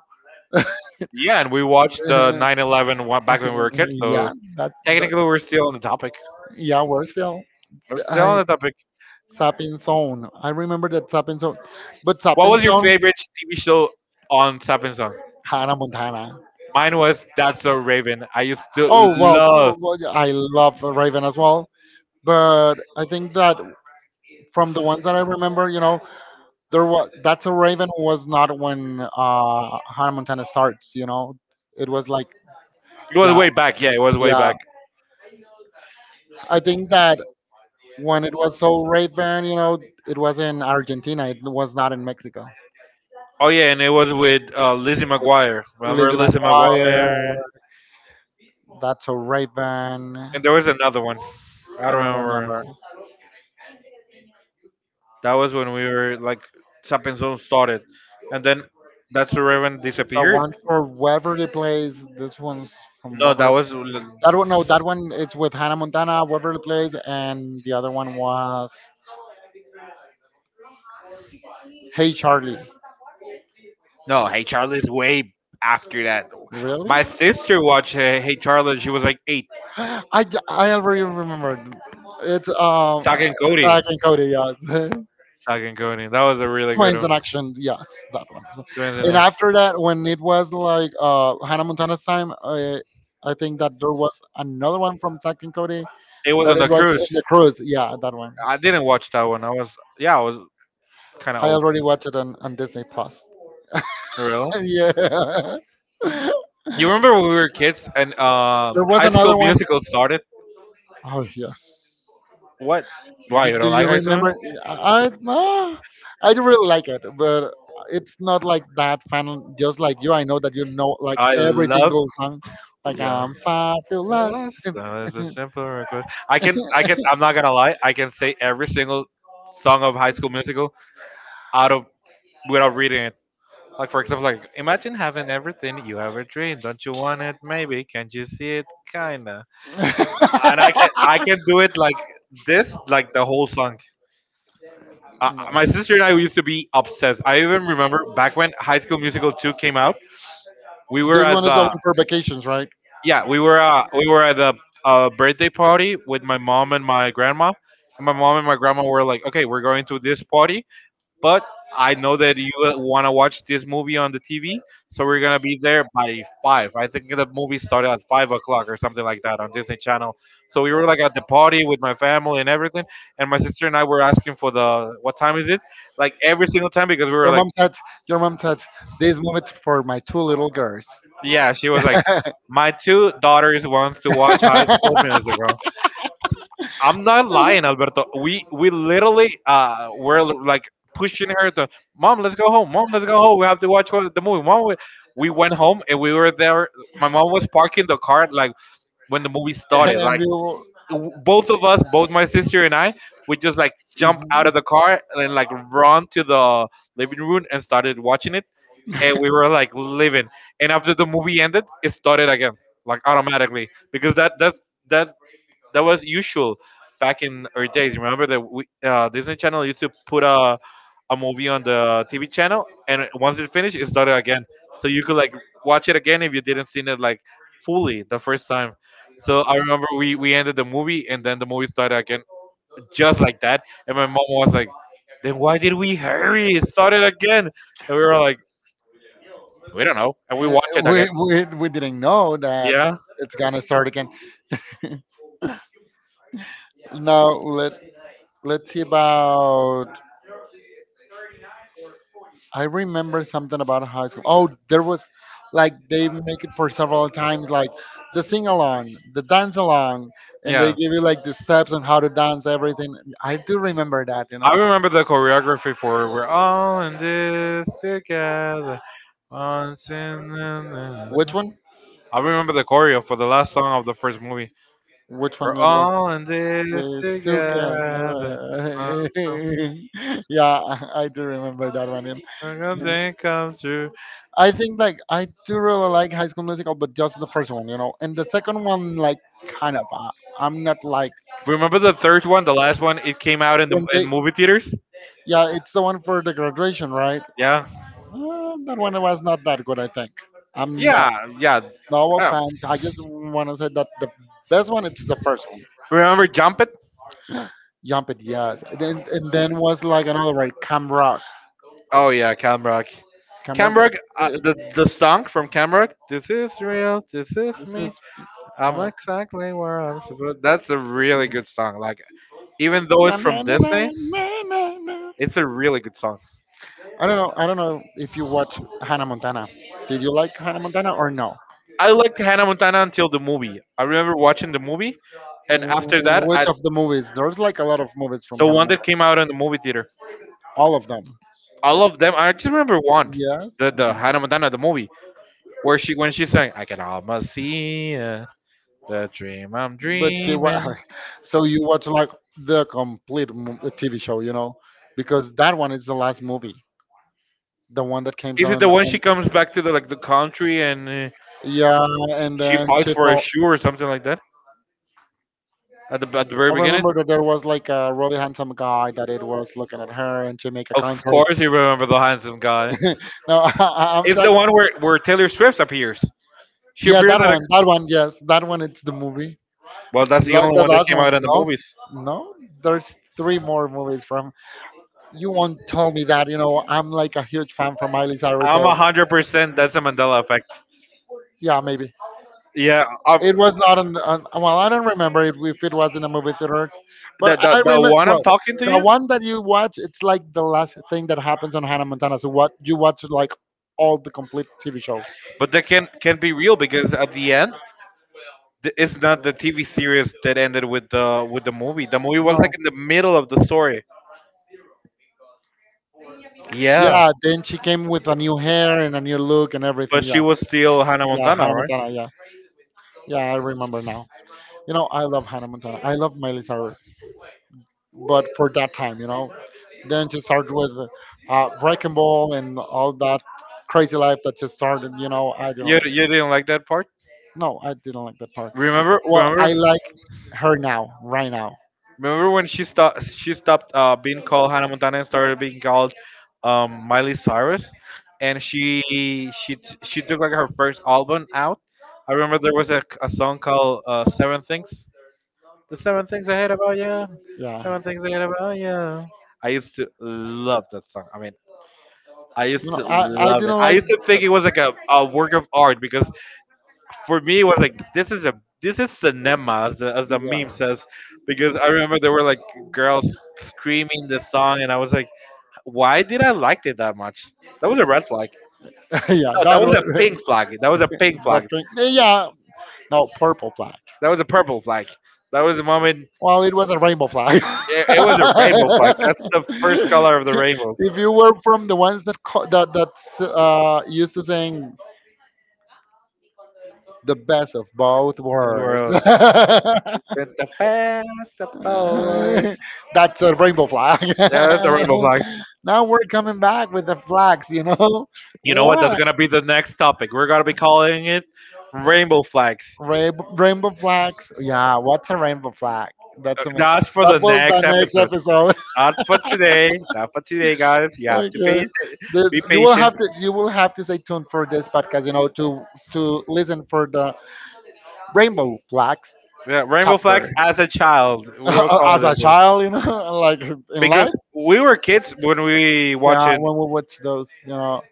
Speaker 1: Yeah, and we watched the 9/11 back when we were kids, so
Speaker 2: Yeah, that, that.
Speaker 1: technically we're still on the topic.
Speaker 2: Yeah, we're still.
Speaker 1: We're still on
Speaker 2: I
Speaker 1: the topic.
Speaker 2: Sapping Zone. I remember that Sapping Zone, but
Speaker 1: What
Speaker 2: Sapping
Speaker 1: was your
Speaker 2: Zone,
Speaker 1: favorite TV show on Sapping Song?
Speaker 2: Hannah Montana.
Speaker 1: Mine was That's So Raven. I used to
Speaker 2: Oh well,
Speaker 1: love.
Speaker 2: well, well, yeah, I love Raven as well, but I think that from the ones that I remember, you know, there was that's a Raven was not when Hannah Montana starts. You know, it was like,
Speaker 1: It was
Speaker 2: yeah,
Speaker 1: way back. Yeah, it was way
Speaker 2: yeah.
Speaker 1: back.
Speaker 2: I think that when it was so Raven, you know, it was in Argentina. It was not in Mexico.
Speaker 1: Oh yeah, and it was with Lizzie McGuire. Remember
Speaker 2: Lizzie
Speaker 1: Lizzie
Speaker 2: McGuire,
Speaker 1: McGuire?
Speaker 2: that's a Raven. I
Speaker 1: And there was another one. I don't
Speaker 2: don't
Speaker 1: remember.
Speaker 2: remember.
Speaker 1: That was when we were like Tap and Zone started, and then that's where everyone
Speaker 2: But
Speaker 1: disappeared.
Speaker 2: one for whoever they plays, this one's from
Speaker 1: No, that
Speaker 2: whoever.
Speaker 1: was
Speaker 2: That one, no, that one it's with Hannah Montana, Waverly Place, and the other one was Hey Charlie.
Speaker 1: no. Hey Charlie's way after that.
Speaker 2: Really?
Speaker 1: My sister watched Hey Charlie. She was like eight.
Speaker 2: I already remembered. It's
Speaker 1: Sag and Cody.
Speaker 2: Zach and Cody, yes.
Speaker 1: Sag and Cody. That was a really good
Speaker 2: Twins in
Speaker 1: one.
Speaker 2: action, yes, that one.
Speaker 1: Twins in
Speaker 2: And
Speaker 1: it.
Speaker 2: after that, when it was like Hannah Montana's time, I think that there was another one from Zach and Cody
Speaker 1: It was
Speaker 2: that
Speaker 1: on the
Speaker 2: it was
Speaker 1: cruise.
Speaker 2: in the cruise. Yeah, that one.
Speaker 1: I didn't watch that one. I was yeah, I was kind of
Speaker 2: I
Speaker 1: old.
Speaker 2: already watched it on Disney Plus.
Speaker 1: Really?
Speaker 2: Yeah.
Speaker 1: You remember when we were kids and
Speaker 2: There was
Speaker 1: High School
Speaker 2: another one.
Speaker 1: Musical started?
Speaker 2: Oh yes.
Speaker 1: What? Why
Speaker 2: Do,
Speaker 1: you
Speaker 2: do
Speaker 1: don't like
Speaker 2: you
Speaker 1: High School?
Speaker 2: remember?
Speaker 1: Musical?
Speaker 2: No, I do really like it, but it's not like that fan. Just like you, I know that you know like
Speaker 1: I
Speaker 2: every
Speaker 1: love.
Speaker 2: single song. Like
Speaker 1: Yeah.
Speaker 2: I'm
Speaker 1: Well,
Speaker 2: fabulous.
Speaker 1: That's
Speaker 2: No.
Speaker 1: uh, that's a simple request. I can. I can. I'm not gonna lie. I can say every single song of High School Musical out of without reading it. Like for example, like imagine having everything you ever dreamed. Don't you want it? Maybe. Can't you see it? Kinda. And I can. I can do it like this, like the whole song. My sister and I used to be obsessed. I even remember back when High School Musical 2 came out, we were
Speaker 2: This
Speaker 1: at
Speaker 2: one is the
Speaker 1: the
Speaker 2: one for vacations, right?
Speaker 1: yeah, we were at the birthday party with my mom and my grandma. And my mom and my grandma were like, "Okay, we're going to this party. But I know that you want to watch this movie on the TV, so we're gonna be there by 5. I think the movie started at 5 o'clock or something like that on Disney Channel. So we were like at the party with my family and everything, and my sister and I were asking for the what time is it? Like every single time because we were
Speaker 2: Your
Speaker 1: like,
Speaker 2: mom said. Your mom said this moment for my two little girls.
Speaker 1: yeah, she was like, my two daughters wants to watch High School Musical. I'm not lying, Alberto. We literally were like pushing her to mom, let's go home. Mom, let's go home. We have to watch the movie. Mom, we went home and we were there. My mom was parking the car like when the movie started.
Speaker 2: And
Speaker 1: Like
Speaker 2: we,
Speaker 1: both of us, both my sister and I, we just like jump out
Speaker 2: uh,
Speaker 1: of the car and like run to the living room and started watching it. And we were like living. And after the movie ended, it started again, like automatically because that that's that that was usual back in our days. Remember that Disney Channel used to put a movie on the TV channel, and once it finished, it started again. So you could like watch it again if you didn't seen it like fully the first time. So I remember we ended the movie, and then the movie started again, just like that. And my mom was like, "Then why did we hurry? It started again." And we were like, "We don't know," and we watched it again.
Speaker 2: we didn't know that
Speaker 1: Yeah,
Speaker 2: it's gonna start again. Now let, let's see about. I remember something about high school. Oh, there was like they make it for several times, like the sing along, the dance along, and they
Speaker 1: yeah.
Speaker 2: give you like the steps on how to dance everything. I do remember that, you know.
Speaker 1: I remember the choreography for "We're All in This Together." Once in
Speaker 2: Which
Speaker 1: the-
Speaker 2: one?
Speaker 1: I remember the choreo for the last song of the first movie.
Speaker 2: Which one
Speaker 1: We're
Speaker 2: it was?
Speaker 1: all in this
Speaker 2: The Suka.
Speaker 1: together. Uh,
Speaker 2: Yeah, I do remember that one.
Speaker 1: We're
Speaker 2: Yeah.
Speaker 1: going true.
Speaker 2: I think like I do really like High School Musical, but just the first one, you know. And the second one, like, kind of, I'm not like
Speaker 1: Remember the third one, the last one? It came out in the
Speaker 2: when
Speaker 1: in
Speaker 2: they,
Speaker 1: movie theaters.
Speaker 2: yeah, it's the one for the graduation, right?
Speaker 1: Yeah,
Speaker 2: That one was not that good, I think. I'm not
Speaker 1: yeah, yeah.
Speaker 2: no
Speaker 1: Uh,
Speaker 2: offense. I just want to say that the best one it's the first one,
Speaker 1: Remember Jump It?
Speaker 2: Jump It, yes. And then was like another right, Cam Rock,
Speaker 1: Oh yeah, Cam Rock.
Speaker 2: Cam Rock.
Speaker 1: Cam Rock,
Speaker 2: It, it,
Speaker 1: the song from Cam Rock. This is real. This is
Speaker 2: this is.
Speaker 1: me. I'm
Speaker 2: Uh,
Speaker 1: exactly where I'm supposed. That's a really good song. Like, even though
Speaker 2: Na,
Speaker 1: it's
Speaker 2: na,
Speaker 1: from
Speaker 2: na, na,
Speaker 1: Disney,
Speaker 2: na, na, na.
Speaker 1: it's a really good song.
Speaker 2: I don't know. I don't know if you watch Hannah Montana. Did you like Hannah Montana or no?
Speaker 1: I liked Hannah Montana until the movie. I remember watching the movie, and after that,
Speaker 2: Which of the movies? There's like a lot of movies from
Speaker 1: the
Speaker 2: Hannah
Speaker 1: one
Speaker 2: Montana.
Speaker 1: that came out in the movie theater,
Speaker 2: All of them.
Speaker 1: all of them. I just remember one,
Speaker 2: Yes,
Speaker 1: the Hannah Montana the movie, where she when she sang, "I can almost see it, the dream I'm
Speaker 2: but she wa-
Speaker 1: dreaming."
Speaker 2: so you watch like the TV show, you know, because that one is the last movie, the one that came
Speaker 1: Is it
Speaker 2: on.
Speaker 1: the one she
Speaker 2: on
Speaker 1: comes back to the like the country and
Speaker 2: Yeah, and
Speaker 1: she
Speaker 2: then
Speaker 1: fights
Speaker 2: she
Speaker 1: for a
Speaker 2: fell.
Speaker 1: shoe or something like that at the very
Speaker 2: I
Speaker 1: beginning?
Speaker 2: remember that there was like a really handsome guy that it was looking at her, and she make a
Speaker 1: Of
Speaker 2: concert.
Speaker 1: course, you remember the handsome guy.
Speaker 2: no, I'm
Speaker 1: It's the
Speaker 2: talking.
Speaker 1: one where Taylor Swift appears. She
Speaker 2: Yeah,
Speaker 1: appears at a.
Speaker 2: that one, yes, that one. It's the movie.
Speaker 1: Well, that's the only
Speaker 2: The
Speaker 1: one that
Speaker 2: last
Speaker 1: came
Speaker 2: one,
Speaker 1: out in the
Speaker 2: no,
Speaker 1: movies.
Speaker 2: no. There's three more movies from. You won't tell me that. You know, I'm like a huge fan from Miley Cyrus.
Speaker 1: I'm
Speaker 2: So
Speaker 1: 100% that's a Mandela effect.
Speaker 2: yeah, maybe
Speaker 1: Yeah,
Speaker 2: it was not on. Well, I don't remember it, if it was in the movie theaters,
Speaker 1: the,
Speaker 2: but
Speaker 1: the,
Speaker 2: I
Speaker 1: the
Speaker 2: remember.
Speaker 1: one I'm
Speaker 2: Well,
Speaker 1: talking to
Speaker 2: the
Speaker 1: you,
Speaker 2: one that you watch, it's like the last thing that happens on Hannah Montana. So what you watch like all the complete TV show.
Speaker 1: but that can be real because at the end, it's not the TV series that ended with the movie. The movie was
Speaker 2: No.
Speaker 1: like in the middle of the story. Yeah,
Speaker 2: Yeah, then she came with a new hair and a new look and everything.
Speaker 1: but
Speaker 2: Yeah.
Speaker 1: she was still Hannah
Speaker 2: Yeah,
Speaker 1: Montana,
Speaker 2: Hannah
Speaker 1: right?
Speaker 2: Montana. Yes. Yeah, I remember now. You know, I love Hannah Montana. I love Miley Cyrus, but for that time, you know, then she started with Wrecking Ball and all that crazy life that just started. You know, I didn't
Speaker 1: You
Speaker 2: like.
Speaker 1: you didn't like that part?
Speaker 2: No, I didn't like that part.
Speaker 1: Remember
Speaker 2: Well,
Speaker 1: remember?
Speaker 2: I like her now, right now.
Speaker 1: Remember when she stopped? She stopped being called Hannah Montana and started being called Miley Cyrus, and she took like her first album out. I remember there was a song called Seven Things. The Seven Things I Hate About You.
Speaker 2: Yeah.
Speaker 1: Seven Things I Hate About You. I used to love that song. I mean, I used
Speaker 2: No,
Speaker 1: to
Speaker 2: I
Speaker 1: love it.
Speaker 2: didn't
Speaker 1: I
Speaker 2: like.
Speaker 1: used to think it was like a work of art because for me it was like this is cinema as the meme
Speaker 2: Yeah.
Speaker 1: says. Because I remember there were like girls screaming the song, and I was like, why did I like it that much? That was a red flag. No,
Speaker 2: yeah,
Speaker 1: that
Speaker 2: that
Speaker 1: was a
Speaker 2: was
Speaker 1: pink flag. That was a pink
Speaker 2: the
Speaker 1: flag.
Speaker 2: pink. Yeah, no, purple flag.
Speaker 1: That was a purple flag. That was the moment.
Speaker 2: Well, it was a rainbow flag.
Speaker 1: it, it was a rainbow flag. That's the first color of the rainbow
Speaker 2: if you were from the ones that that used to saying the best of both
Speaker 1: in the
Speaker 2: worlds,
Speaker 1: world.
Speaker 2: that's
Speaker 1: With the best of powers.
Speaker 2: a rainbow flag.
Speaker 1: Yeah, that's a rainbow flag.
Speaker 2: now we're coming back with the flags, you know?
Speaker 1: You know what, that's
Speaker 2: What?
Speaker 1: gonna be the next topic we're gonna be calling it, rainbow flags.
Speaker 2: Rainbow, rainbow flags? Yeah, what's a rainbow flag? That's me.
Speaker 1: Not for
Speaker 2: That
Speaker 1: the
Speaker 2: was the
Speaker 1: next
Speaker 2: next
Speaker 1: episode.
Speaker 2: episode.
Speaker 1: Not for today. Not for today, guys. You have to pay,
Speaker 2: Okay. This
Speaker 1: be
Speaker 2: you will
Speaker 1: patient.
Speaker 2: have to you will have to stay tuned for this podcast, you know, to listen for the rainbow flags
Speaker 1: Yeah, Rainbow Flags
Speaker 2: chapter.
Speaker 1: as a child, we will call
Speaker 2: As
Speaker 1: it
Speaker 2: a
Speaker 1: this.
Speaker 2: child, you know, like in life,
Speaker 1: Because we were kids when we
Speaker 2: yeah,
Speaker 1: watching
Speaker 2: when we watch those, you know,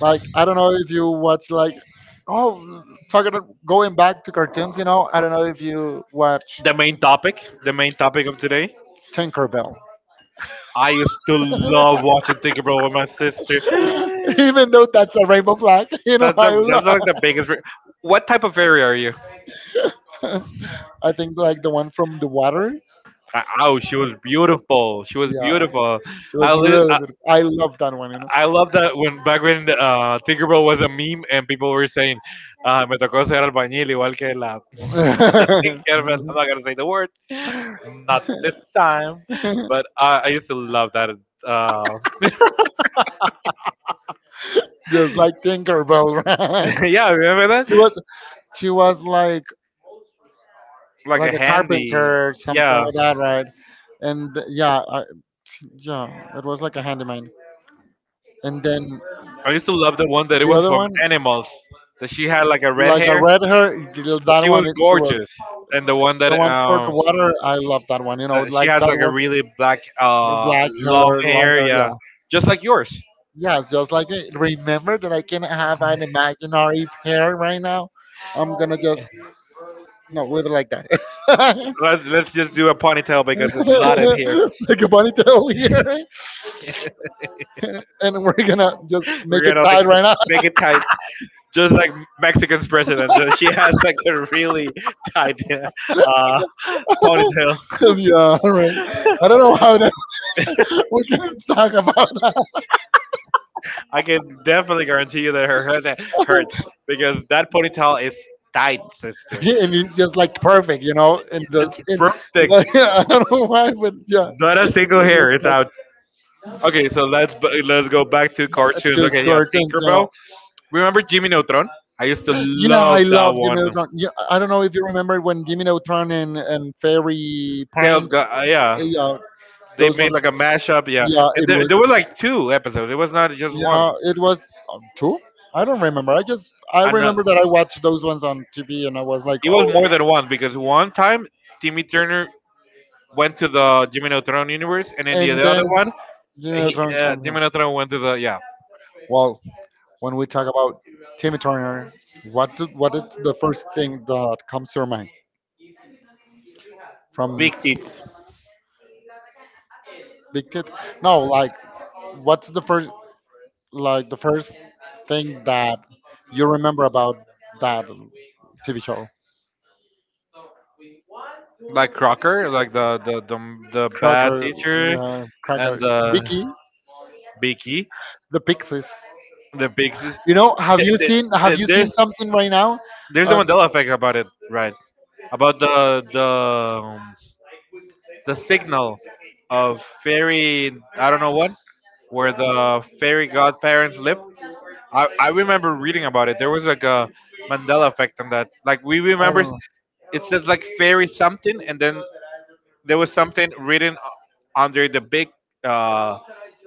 Speaker 2: like I don't know if you watch like oh, talking about going back to cartoons, you know, I don't know if you watch
Speaker 1: the main topic of today.
Speaker 2: Tinkerbell,
Speaker 1: I used to love watching Tinker Bell with my sister.
Speaker 2: even though that's a rainbow flag, you know,
Speaker 1: That's
Speaker 2: I
Speaker 1: a,
Speaker 2: love.
Speaker 1: that's like the biggest. What type of fairy are you?
Speaker 2: I think like the one from the water.
Speaker 1: Oh, she was beautiful. She was
Speaker 2: Yeah,
Speaker 1: beautiful.
Speaker 2: she
Speaker 1: I
Speaker 2: was
Speaker 1: li-
Speaker 2: really beautiful. I love that one, you know.
Speaker 1: I love that when back when Tinkerbell was a meme and people were saying, "Me tocó ser albañil igual que la, la Tinkerbell." I'm not gonna say the word, not this time. But I used to love that. Uh,
Speaker 2: Just like Tinkerbell, right?
Speaker 1: yeah, remember
Speaker 2: She
Speaker 1: that?
Speaker 2: was she was like
Speaker 1: Like
Speaker 2: like
Speaker 1: a
Speaker 2: a
Speaker 1: handy.
Speaker 2: carpenter, something
Speaker 1: Yeah,
Speaker 2: like that, right? Yeah, yeah, it was like a handyman. And then
Speaker 1: I used to love the one that it
Speaker 2: the
Speaker 1: was
Speaker 2: other
Speaker 1: from
Speaker 2: one,
Speaker 1: Animals. That she had like a red
Speaker 2: like I
Speaker 1: hair.
Speaker 2: read her, that
Speaker 1: She was
Speaker 2: one it was
Speaker 1: gorgeous, and the one that
Speaker 2: the one for the
Speaker 1: um
Speaker 2: water. I love that one. You know,
Speaker 1: that she
Speaker 2: like
Speaker 1: has
Speaker 2: that
Speaker 1: like a
Speaker 2: was
Speaker 1: really black
Speaker 2: black
Speaker 1: long
Speaker 2: hair, long
Speaker 1: hair.
Speaker 2: hair.
Speaker 1: Yeah,
Speaker 2: Yeah.
Speaker 1: just like yours.
Speaker 2: Yes, just like I remember that I can have an imaginary pair right now. I'm gonna just no leave it like that,
Speaker 1: Let's just do a ponytail because it's hot in here.
Speaker 2: like a ponytail here, and we're gonna just
Speaker 1: We're
Speaker 2: make it
Speaker 1: gonna like
Speaker 2: tied right now.
Speaker 1: make it tight, just like Mexican's president. So she has like a really tight ponytail.
Speaker 2: yeah, all right. I don't know how that we can talk about that,
Speaker 1: I can definitely guarantee you that her head hurts because that ponytail is tight, sister.
Speaker 2: and it's just like perfect, you know. And the
Speaker 1: It's
Speaker 2: in,
Speaker 1: perfect.
Speaker 2: like I don't know why, but yeah,
Speaker 1: Not a
Speaker 2: it
Speaker 1: single hair.
Speaker 2: looks
Speaker 1: It's
Speaker 2: like
Speaker 1: out. Okay, so let's go back to cartoons.
Speaker 2: two
Speaker 1: Okay, yeah,
Speaker 2: curtains, you
Speaker 1: Tinkerbell.
Speaker 2: know.
Speaker 1: Remember Jimmy Neutron? I used to
Speaker 2: Yeah, I
Speaker 1: love that
Speaker 2: love Jimmy
Speaker 1: one.
Speaker 2: Neutron. Yeah, I don't know if you remember when Jimmy Neutron and Fairy
Speaker 1: Tails
Speaker 2: Pines,
Speaker 1: got yeah.
Speaker 2: yeah,
Speaker 1: They
Speaker 2: those
Speaker 1: made
Speaker 2: ones.
Speaker 1: like a mashup, yeah.
Speaker 2: Yeah,
Speaker 1: And
Speaker 2: it
Speaker 1: there,
Speaker 2: was.
Speaker 1: there were like two episodes. It was not just one.
Speaker 2: Yeah, it was two. I don't remember. I just I
Speaker 1: Another.
Speaker 2: remember that I watched those ones on TV and I was like,
Speaker 1: It was
Speaker 2: oh
Speaker 1: more than one because one time Timmy Turner went to the Jimmy Neutron universe, and
Speaker 2: yeah.
Speaker 1: then the,
Speaker 2: And
Speaker 1: the other
Speaker 2: then
Speaker 1: one,
Speaker 2: Jimmy Neutron came home.
Speaker 1: Jimmy Neutron went to the, yeah,
Speaker 2: Well, when we talk about Timmy Turner, what is the first thing that comes to your mind from
Speaker 1: big Teeth,
Speaker 2: Big Teeth? No, like what's the first? Like the first thing that you remember about that TV show?
Speaker 1: like Crocker, like the bad
Speaker 2: Cracker,
Speaker 1: teacher
Speaker 2: yeah,
Speaker 1: and
Speaker 2: Cracker,
Speaker 1: the
Speaker 2: Vicky,
Speaker 1: Beaky,
Speaker 2: the Pixies.
Speaker 1: the big. sis-
Speaker 2: You know,
Speaker 1: there- there-
Speaker 2: have
Speaker 1: there-
Speaker 2: you seen
Speaker 1: There's
Speaker 2: something right now?
Speaker 1: there's the
Speaker 2: Uh,
Speaker 1: Mandela effect about it, right? About um, the signal of fairy. I don't know what where the fairy godparents live. I remember reading about it. There was like a Mandela effect on that. Like we
Speaker 2: I don't
Speaker 1: remember,
Speaker 2: know.
Speaker 1: it says like fairy something, and then there was something written under the big uh,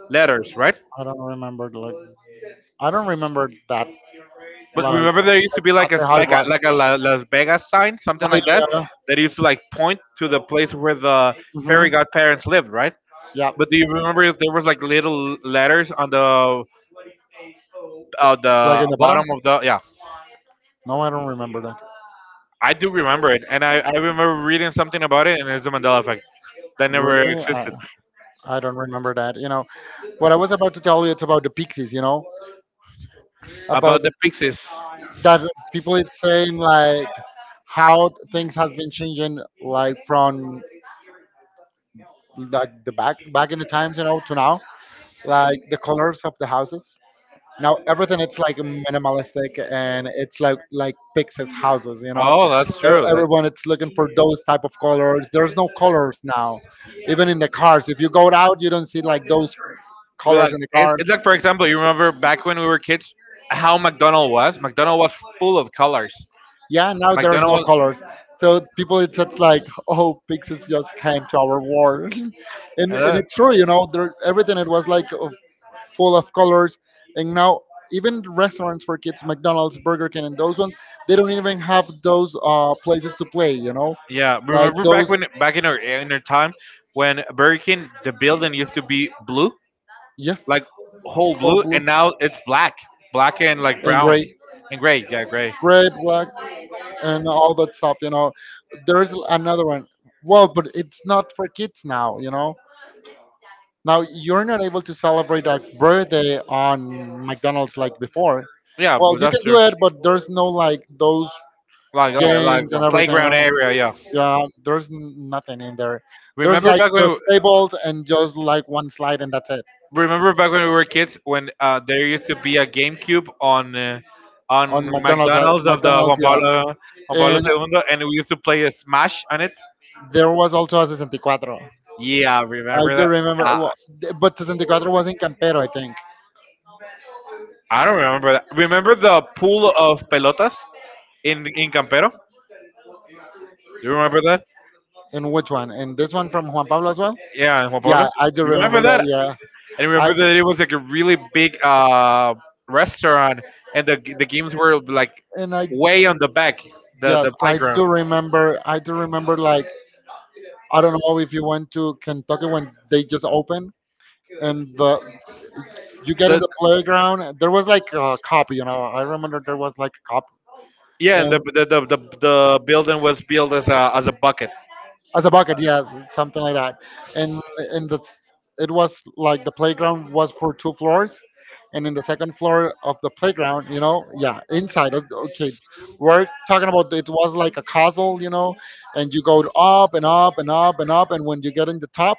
Speaker 1: letters, right?
Speaker 2: I don't remember like I don't remember that
Speaker 1: But
Speaker 2: like
Speaker 1: remember, there used to be like a
Speaker 2: exactly
Speaker 1: s-
Speaker 2: how it was.
Speaker 1: like a La- Las Vegas sign,
Speaker 2: Oh
Speaker 1: something like that, that
Speaker 2: yeah,
Speaker 1: used to like point to the place where the
Speaker 2: hmm
Speaker 1: fairy godparents lived, right?
Speaker 2: yeah,
Speaker 1: But do you remember if there was like little letters on the
Speaker 2: like in the bottom.
Speaker 1: bottom of the, yeah,
Speaker 2: No, I don't remember that.
Speaker 1: I do remember it, and I remember reading something about it, and it's the Mandela effect that never
Speaker 2: Really,
Speaker 1: existed
Speaker 2: I don't remember that. You know, what I was about to tell you, it's about the Pixies. You know, about
Speaker 1: about
Speaker 2: the
Speaker 1: the
Speaker 2: pixels
Speaker 1: pixies.
Speaker 2: that people it's saying like how things has been changing like from like the back in the times, you know, to now, like the colors of the houses. Now everything it's like minimalistic and it's like pixels houses, you know.
Speaker 1: Oh, that's true.
Speaker 2: E- everyone it's looking for those type of colors. There's no colors now, even in the cars. If you go out you don't see like those
Speaker 1: We
Speaker 2: colors
Speaker 1: like
Speaker 2: in the
Speaker 1: it's,
Speaker 2: cars.
Speaker 1: it's like for example, you remember back when we were kids, how McDonald was. McDonald was full of colors.
Speaker 2: Yeah, now there's no
Speaker 1: McDonald was.
Speaker 2: colors. So people, it's just like, oh, Pixels just came to our world, and
Speaker 1: Hello?
Speaker 2: it's true, you know, there everything it was like full of colors, and now even restaurants for kids, McDonald's, Burger King, and those ones, they don't even have those places to play, you know,
Speaker 1: Yeah,
Speaker 2: like
Speaker 1: remember
Speaker 2: those,
Speaker 1: back in our time when Burger King the building used to be blue
Speaker 2: yes,
Speaker 1: like whole
Speaker 2: cold
Speaker 1: blue,
Speaker 2: blue
Speaker 1: and now it's black, black and like
Speaker 2: and
Speaker 1: brown
Speaker 2: gray,
Speaker 1: and gray. Yeah, gray.
Speaker 2: gray, black, and all that stuff, you know. There's another one. Well, but it's not for kids now, you know. Now you're not able to celebrate a birthday on McDonald's like before.
Speaker 1: Yeah,
Speaker 2: Well,
Speaker 1: but
Speaker 2: you
Speaker 1: that's
Speaker 2: can do
Speaker 1: true.
Speaker 2: it, but there's no like those
Speaker 1: Like
Speaker 2: games and
Speaker 1: a
Speaker 2: everything
Speaker 1: playground
Speaker 2: else.
Speaker 1: area. Yeah.
Speaker 2: Yeah, there's nothing in there. There's
Speaker 1: Remember
Speaker 2: like
Speaker 1: back when
Speaker 2: just tables and just like one slide and that's it.
Speaker 1: remember back when we were kids when there used to be a GameCube on
Speaker 2: On McDonald's,
Speaker 1: McDonald's of the
Speaker 2: Yeah.
Speaker 1: Juan Pablo
Speaker 2: And
Speaker 1: Segundo, and we used to play a Smash on it.
Speaker 2: there was also a 64.
Speaker 1: Yeah,
Speaker 2: I
Speaker 1: remember
Speaker 2: do
Speaker 1: that?
Speaker 2: remember,
Speaker 1: Ah,
Speaker 2: well, but 64 was in Campero, I think.
Speaker 1: I don't remember that. Remember the pool of pelotas in Campero? Do you remember that?
Speaker 2: In which one? And this one from Juan Pablo as well?
Speaker 1: Yeah, in Juan
Speaker 2: Yeah,
Speaker 1: Pablo.
Speaker 2: I do
Speaker 1: You remember
Speaker 2: remember that.
Speaker 1: that?
Speaker 2: Yeah.
Speaker 1: And
Speaker 2: I
Speaker 1: remember that it was like a really big restaurant, and the games were like
Speaker 2: and I
Speaker 1: way on the back, the
Speaker 2: Yes,
Speaker 1: the
Speaker 2: I do
Speaker 1: playground.
Speaker 2: remember. I do remember. Like I don't know if you went to Kentucky when they just opened, and the you get in
Speaker 1: The
Speaker 2: the playground. And there was like a cop, you know. I remember there was like a cop,
Speaker 1: yeah, and the
Speaker 2: and
Speaker 1: the the, the, the building was built as a bucket.
Speaker 2: as a bucket, yes, something like that. And and the, it was like the playground was for two floors, and in the second floor of the playground, you know, yeah, inside. Okay, we're talking about it was like a castle, you know, and you go up and up and up and up, and when you get in the top,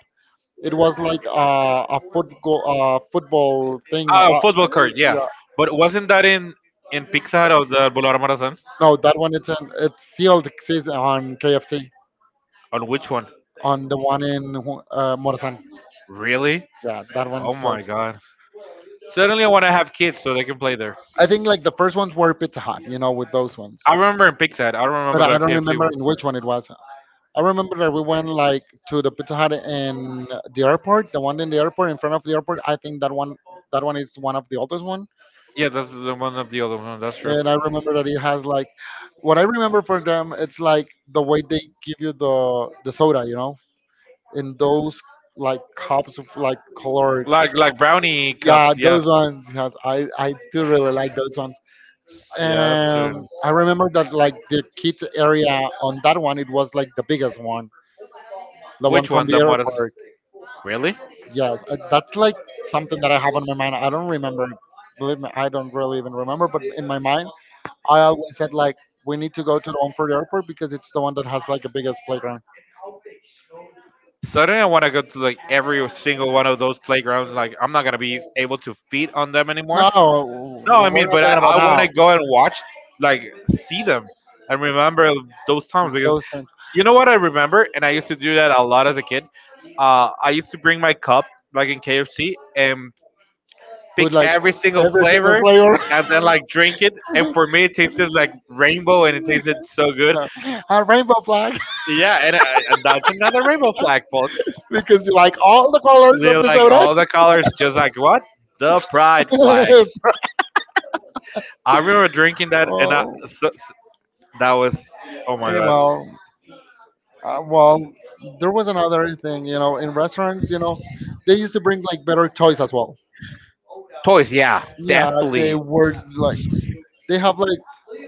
Speaker 2: it was like a football football thing.
Speaker 1: Ah, football court. Yeah,
Speaker 2: Yeah.
Speaker 1: but wasn't that in Pizza Hut of the Boulevard Marazan?
Speaker 2: No, that one it's in, it's still exists on KFC
Speaker 1: On which one?
Speaker 2: on the one in Morazan.
Speaker 1: Really?
Speaker 2: Yeah, that one
Speaker 1: Oh
Speaker 2: still.
Speaker 1: my God! Suddenly, I want to have kids so they can play there.
Speaker 2: I think like the first ones were Pizza Hut, you know, with those ones.
Speaker 1: I remember in Pizza Hut. I don't
Speaker 2: But
Speaker 1: remember
Speaker 2: I
Speaker 1: the
Speaker 2: don't
Speaker 1: KFC
Speaker 2: remember
Speaker 1: one.
Speaker 2: in which one it was. I remember that we went like to the Pizza Hut in the airport, the one in the airport, in front of the airport. I think that one is one of the oldest one.
Speaker 1: Yeah, that's the one of the other one. That's true.
Speaker 2: And I remember that it has like, what I remember for them, it's like the way they give you the soda, you know, in those like cups of like color.
Speaker 1: Like brownie
Speaker 2: Yeah,
Speaker 1: cups. Yeah,
Speaker 2: those ones. Yes, I do really like those ones.
Speaker 1: yeah, that's true.
Speaker 2: I remember that like the kids area on that one, it was like the biggest one, the one
Speaker 1: Which
Speaker 2: from
Speaker 1: one,
Speaker 2: the
Speaker 1: the modest?
Speaker 2: airport.
Speaker 1: Really?
Speaker 2: Yes, that's like something that I have on my mind. I don't remember. Believe me, I don't really even remember. But in my mind, I always said like we need to go to the one for the airport because it's the one that has like the biggest playground.
Speaker 1: Suddenly, I want to go to like every single one of those playgrounds. Like, I'm not gonna be able to feed on them anymore.
Speaker 2: No,
Speaker 1: No, I
Speaker 2: no, we're
Speaker 1: mean,
Speaker 2: not
Speaker 1: but
Speaker 2: talking
Speaker 1: I,
Speaker 2: like
Speaker 1: I
Speaker 2: about now.
Speaker 1: want to
Speaker 2: Like
Speaker 1: go and watch, like, see them and remember those times because
Speaker 2: those things
Speaker 1: you know what I remember, and I used to do that a lot as a kid. I used to bring my cup, like in KFC, and
Speaker 2: put
Speaker 1: pick
Speaker 2: like
Speaker 1: every single
Speaker 2: every single
Speaker 1: flavor,
Speaker 2: flavor.
Speaker 1: and then like drink it. And for me, it tasted like rainbow, and it tasted so good.
Speaker 2: a rainbow flag,
Speaker 1: Yeah, and that's another rainbow flag, folks.
Speaker 2: because you like all the colors of
Speaker 1: They're
Speaker 2: the
Speaker 1: like all the colors, just like what the
Speaker 2: like
Speaker 1: pride flag.
Speaker 2: soda.
Speaker 1: I remember drinking that, and I,
Speaker 2: oh,
Speaker 1: so, so- that was oh my
Speaker 2: eh,
Speaker 1: god.
Speaker 2: well. Well, there was another thing, you know, in restaurants, you know, they used to bring like better toys as well.
Speaker 1: Toys, yeah,
Speaker 2: Yeah, they
Speaker 1: definitely.
Speaker 2: were like they have like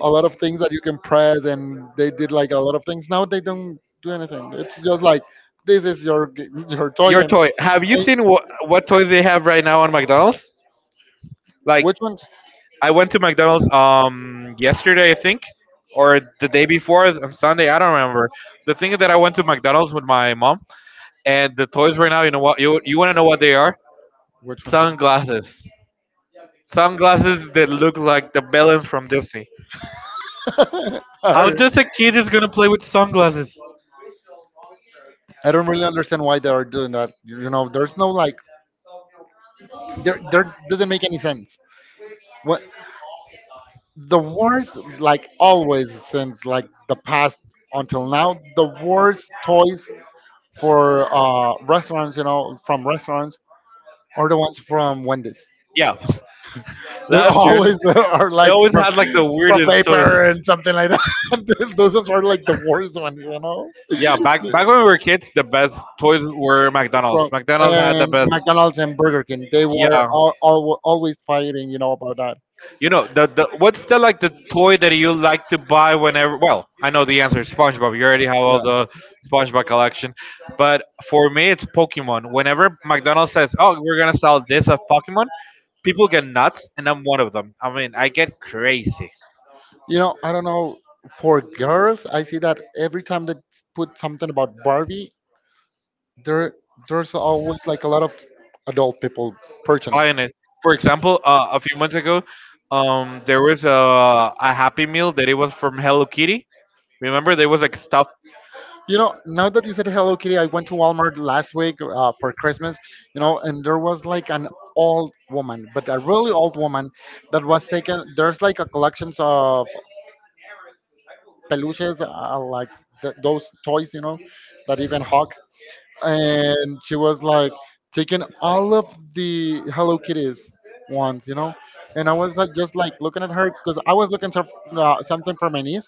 Speaker 2: a lot of things that you can press, and they did like a lot of things. Now they don't do anything. It's just like this is your your toy,
Speaker 1: Your toy. Have you
Speaker 2: and
Speaker 1: seen what toys they have right now on McDonald's? Like,
Speaker 2: which ones?
Speaker 1: I went to McDonald's yesterday, I think, or the day before on Sunday. I don't remember. The thing is that I went to McDonald's with my mom, and the toys right now. You know what? You want to know what they are?
Speaker 2: Which ones? Are,
Speaker 1: Sunglasses. Sunglasses that look like the villains from Disney. How
Speaker 2: are-
Speaker 1: does a kid is gonna play with sunglasses?
Speaker 2: I don't really understand why they are doing that. There's no like there doesn't make any sense. What? The worst, like, always since like the past until now, the worst toys for restaurants, you know, from restaurants are the ones from Wendy's.
Speaker 1: Yeah,
Speaker 2: They're
Speaker 1: last year
Speaker 2: always
Speaker 1: they
Speaker 2: are like
Speaker 1: always had like the
Speaker 2: from
Speaker 1: weirdest toys.
Speaker 2: paper and something like that. Those ones are like the worst ones, you know,
Speaker 1: Yeah, back when we were kids, the best toys were McDonald's.
Speaker 2: from
Speaker 1: McDonald's had the
Speaker 2: and
Speaker 1: best.
Speaker 2: McDonald's and Burger King, they were
Speaker 1: Yeah,
Speaker 2: always fighting, you know, about that.
Speaker 1: you know the what's the like the toy that you like to buy whenever? Well, I know the answer is SpongeBob. You already have
Speaker 2: Yeah.
Speaker 1: all the SpongeBob collection, but for me it's Pokemon. Whenever McDonald's says, "Oh, we're gonna sell this of Pokemon," people get nuts, and I'm one of them. I mean, I get crazy
Speaker 2: I don't know. For girls, I see that every time they put something about Barbie, there there's always like a lot of adult people purchasing it.
Speaker 1: buying it. For example, a few months ago, there was a Happy Meal that it was from Hello Kitty. Remember, there was like stuff.
Speaker 2: You know, now that you said Hello Kitty, I went to Walmart last week for Christmas, you know, and there was like an old woman, but a really old woman that was taken. There's like a collections of peluches, like those toys, you know, that you can hug. And she was like taking all of the Hello Kitties ones, you know. And I was like just like looking at her because I was looking for something for my niece,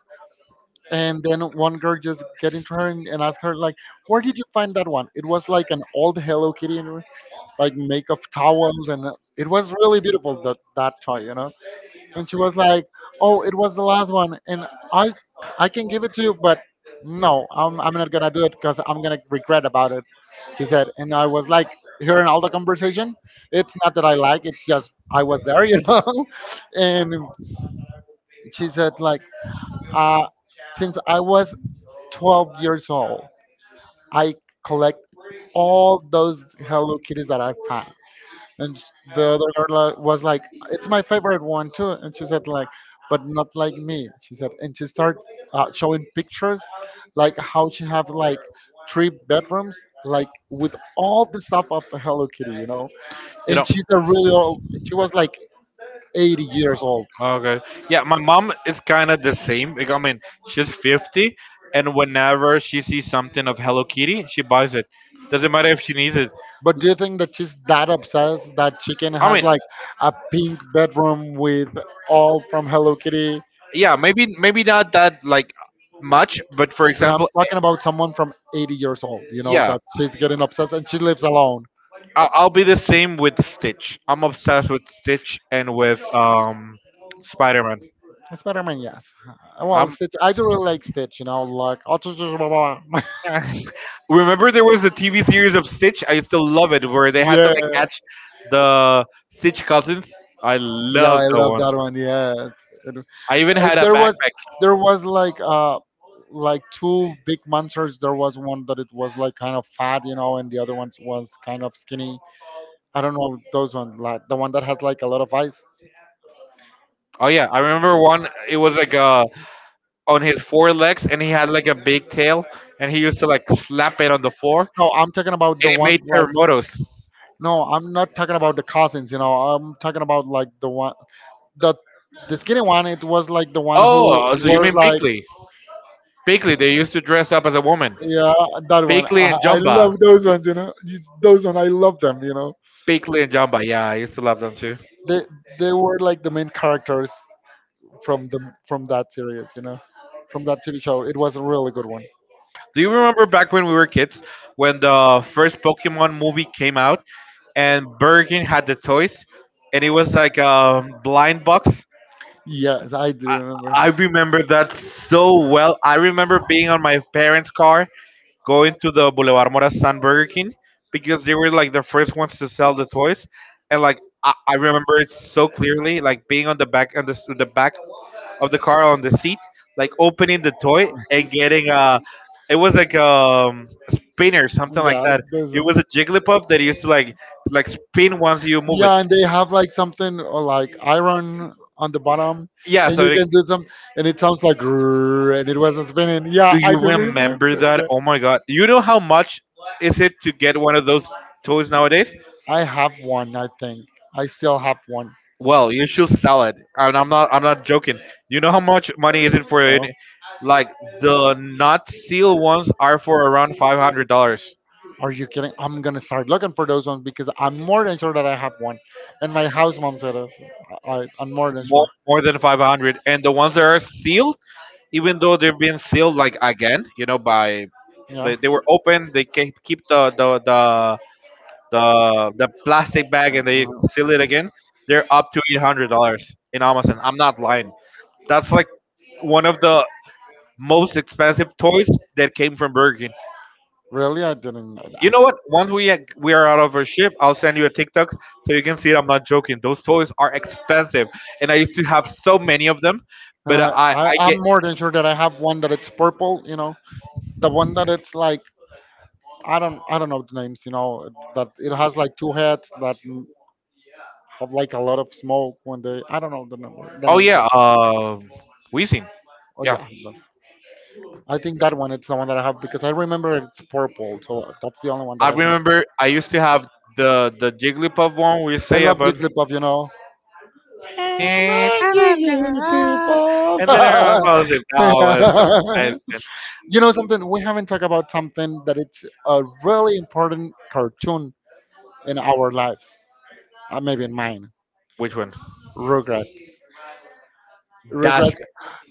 Speaker 2: and then one girl just get into her and ask her like, "Where did you find that one?" It was like an old Hello Kitty, and like make of towels, and it was really beautiful that toy, you know. And she was like, "Oh, it was the last one, and I, I can give it to you, but no, I'm not gonna do it because I'm gonna regret about it," she said. And I was like, hearing all the conversation, it's not that I like, it's just
Speaker 1: And
Speaker 2: I
Speaker 1: she
Speaker 2: was there, you know. And she said like, uh, since I was 12 years old, I collect all those Hello Kitties that I found. And the other girl was like, "It's my favorite one too." And she said like, "But not like me." She said, and she started showing pictures, like how she have like three bedrooms, like with all the stuff of Hello Kitty, you know. And she's a really old. She was like 80 years old.
Speaker 1: okay. Yeah, my mom is kind of the same. Like, I mean, she's 50, and whenever she sees something of Hello Kitty, she buys it. Doesn't matter if she needs it.
Speaker 2: But do you think that she's that obsessed that chicken
Speaker 1: I
Speaker 2: has
Speaker 1: mean,
Speaker 2: like a pink bedroom with all from Hello Kitty?
Speaker 1: yeah, maybe not that like much, but for
Speaker 2: But I'm
Speaker 1: example,
Speaker 2: talking about someone from 80 years old, you know,
Speaker 1: yeah,
Speaker 2: that she's getting obsessed and she lives alone.
Speaker 1: I'll be the same with Stitch. I'm obsessed with Stitch and with Spider-Man.
Speaker 2: Spider-Man, yes. Well, Stitch. I do really like Stitch. You know, like
Speaker 1: Remember, there was a TV series of Stitch. I still love it, where they had to
Speaker 2: yeah,
Speaker 1: like catch the Stitch cousins. I
Speaker 2: yeah.
Speaker 1: love
Speaker 2: I
Speaker 1: that
Speaker 2: love
Speaker 1: one.
Speaker 2: that one. Yes. It-
Speaker 1: I even
Speaker 2: if
Speaker 1: had a
Speaker 2: there was,
Speaker 1: backpack.
Speaker 2: there was like two big monsters. There was one that it was like kind of fat, you know, and the other one was kind of skinny. I don't know those ones. Like the one that has like a lot of eyes.
Speaker 1: Oh yeah, I remember one. It was like on his four legs, and he had like a big tail, and he used to like slap it on the floor,
Speaker 2: No, I'm talking about the
Speaker 1: and it made
Speaker 2: ones like.
Speaker 1: terremotos.
Speaker 2: No, I'm not talking about the cousins. You know, I'm talking about like the one the the skinny one. It was like the one who
Speaker 1: Oh, so you
Speaker 2: wears
Speaker 1: mean
Speaker 2: like
Speaker 1: Pickley? Pickley. They used to dress up as a woman.
Speaker 2: yeah, that one.
Speaker 1: Pickley and
Speaker 2: I
Speaker 1: Jumba.
Speaker 2: love those ones. You know, those one. I love them. You know,
Speaker 1: Pickley and Jumba. Yeah, I used to love them too.
Speaker 2: they they were like the main characters from the from that series. You know, from that TV show. It was a really good one.
Speaker 1: Do you remember back when we were kids when the first Pokemon movie came out and Burger King had the toys and it was like a blind box?
Speaker 2: Yes, I do remember.
Speaker 1: I remember that so well. I remember being on my parents' car going to the Boulevard Morazan Burger King because they were like the first ones to sell the toys and like I remember it so clearly like being on the back on the back of the car on the seat, like opening the toy and getting a. It was like a spinner, something like
Speaker 2: Yeah,
Speaker 1: that.
Speaker 2: those
Speaker 1: It
Speaker 2: one.
Speaker 1: was a Jigglypuff that used to like spin once you move it.
Speaker 2: Yeah, and they have like something or like iron on the bottom,
Speaker 1: Yeah,
Speaker 2: and
Speaker 1: so
Speaker 2: you
Speaker 1: like,
Speaker 2: can do some, and it sounds like "Grrr," and it wasn't spinning.
Speaker 1: do
Speaker 2: Yeah, I
Speaker 1: you
Speaker 2: do
Speaker 1: remember
Speaker 2: remember.
Speaker 1: that?
Speaker 2: Yeah.
Speaker 1: Oh my god! You know how much is it to get one of those toys nowadays?
Speaker 2: I have one. I think I still have one.
Speaker 1: Well, you should sell it. And I'm not joking. You know how much money is it for it? Like the not sealed ones are for around $500.
Speaker 2: Are you kidding? I'm gonna start looking for those ones because I'm more than sure that I have one. And my house mom said it. I'm more than
Speaker 1: More
Speaker 2: sure.
Speaker 1: more than 500. And the ones that are sealed even though they're being sealed like again, you know, by they,
Speaker 2: Yeah.
Speaker 1: they were open, they keep the plastic bag and they
Speaker 2: Uh,
Speaker 1: seal it again. They're up to $800 in Amazon. I'm not lying. That's like one of the most expensive toys that came from Burger King.
Speaker 2: really, I didn't know
Speaker 1: You
Speaker 2: that.
Speaker 1: know what? Once we are out of our ship, I'll send you a TikTok so you can see I'm not joking. Those toys are expensive, and I used to have so many of them.
Speaker 2: And
Speaker 1: But I I
Speaker 2: I'm
Speaker 1: get
Speaker 2: more than sure that I have one that it's purple. You know, the one that it's like I don't know the names. You know, that it has like two heads that have like a lot of smoke when they. I don't know the number, the
Speaker 1: oh
Speaker 2: names.
Speaker 1: yeah, Weezing.
Speaker 2: Oh
Speaker 1: Yeah,
Speaker 2: yeah, I think that one. It's the one that I have because I remember it's purple. So that's the only one that
Speaker 1: I
Speaker 2: I think.
Speaker 1: remember I used to have the Jigglypuff one where you
Speaker 2: I
Speaker 1: say
Speaker 2: love
Speaker 1: about
Speaker 2: Jigglypuff. You know, can
Speaker 1: and
Speaker 2: I give
Speaker 1: then
Speaker 2: you the people?
Speaker 1: everyone follows it. That was amazing.
Speaker 2: You know something? We haven't talked about something that it's a really important cartoon in our lives. Maybe in mine.
Speaker 1: Which one?
Speaker 2: Rugrats.
Speaker 1: That's.
Speaker 2: Rugrats.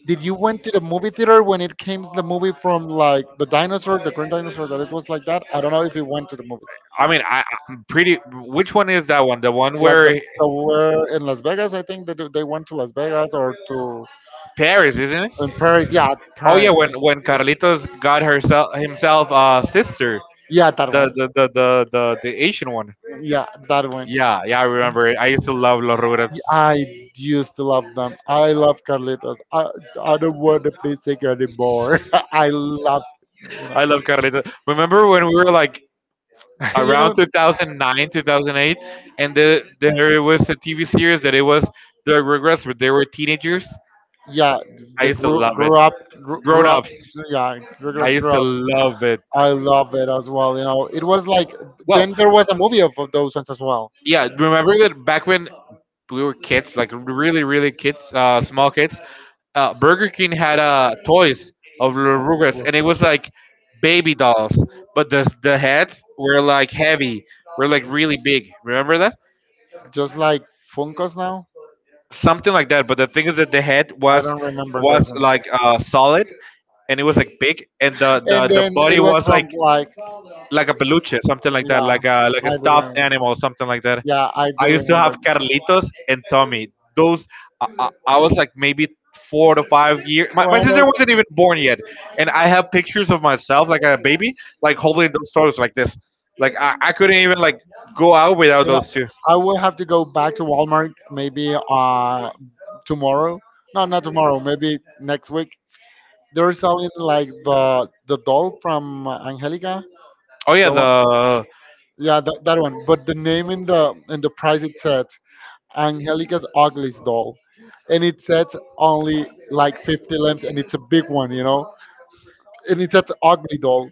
Speaker 2: Did you went to the movie theater when it came the movie from like the dinosaur, the green dinosaur that it was like that? I don't know if you went to the movies.
Speaker 1: I mean, I, I'm pretty. Which one is that one? The one
Speaker 2: Like
Speaker 1: where
Speaker 2: the were in Las Vegas, I think they they went to Las Vegas or to
Speaker 1: Paris, isn't it?
Speaker 2: in Paris. Yeah,
Speaker 1: Oh yeah,
Speaker 2: Paris.
Speaker 1: when Carlitos got herself himself sister,
Speaker 2: Yeah, that
Speaker 1: the
Speaker 2: one.
Speaker 1: the the the the, the Asian one.
Speaker 2: Yeah, that one.
Speaker 1: Yeah, yeah, I remember it. I used to love Los Rugrats.
Speaker 2: I used to love them. I love Carlitos. I don't want a basic anymore. I love, you know,
Speaker 1: I love Carlitos. Remember when we were like
Speaker 2: you
Speaker 1: around
Speaker 2: know,
Speaker 1: 2009, 2008? And the, there was a TV series that it was the Rugrats, but they were teenagers.
Speaker 2: yeah.
Speaker 1: I
Speaker 2: The
Speaker 1: used to love it.
Speaker 2: grew up,
Speaker 1: Grown
Speaker 2: grew up,
Speaker 1: ups,
Speaker 2: yeah.
Speaker 1: I
Speaker 2: Regrets
Speaker 1: used
Speaker 2: grew
Speaker 1: to
Speaker 2: up.
Speaker 1: love it.
Speaker 2: I love it as well. You know, it was like
Speaker 1: Well,
Speaker 2: then there was a movie of those ones as well.
Speaker 1: yeah, remember that back when we were kids, like really, really kids, small kids. Burger King had toys of the Rugrats, and it was like baby dolls, but the heads were like heavy, were like really big. Remember that?
Speaker 2: Just like Funkos now.
Speaker 1: Something like that. But the thing is that the head
Speaker 2: I
Speaker 1: was
Speaker 2: don't remember those
Speaker 1: was
Speaker 2: ones.
Speaker 1: like solid, and it was like big, and the the
Speaker 2: And
Speaker 1: the
Speaker 2: then
Speaker 1: body
Speaker 2: it was
Speaker 1: was
Speaker 2: from like
Speaker 1: like a peluche, something like that,
Speaker 2: yeah,
Speaker 1: like a
Speaker 2: I
Speaker 1: like a
Speaker 2: do
Speaker 1: stuffed
Speaker 2: remember.
Speaker 1: animal, something like that.
Speaker 2: Yeah, I do
Speaker 1: I used to
Speaker 2: remember.
Speaker 1: have Carlitos and Tommy. Those I was like maybe 4 to 5 years. My
Speaker 2: Well,
Speaker 1: sister
Speaker 2: no,
Speaker 1: wasn't even born yet, and I have pictures of myself like a baby, like holding those toys like this. Like I couldn't even like go out without
Speaker 2: you know,
Speaker 1: those two.
Speaker 2: I will have to go back to Walmart maybe tomorrow. No, not tomorrow. Maybe next week. They're selling like the doll from Angelica.
Speaker 1: Oh yeah,
Speaker 2: The one,
Speaker 1: the
Speaker 2: yeah, that one. But the name in the price it said Angelica's ugliest doll, and it says only like 50 lamps, and it's a big one, you know. And it says ugly doll,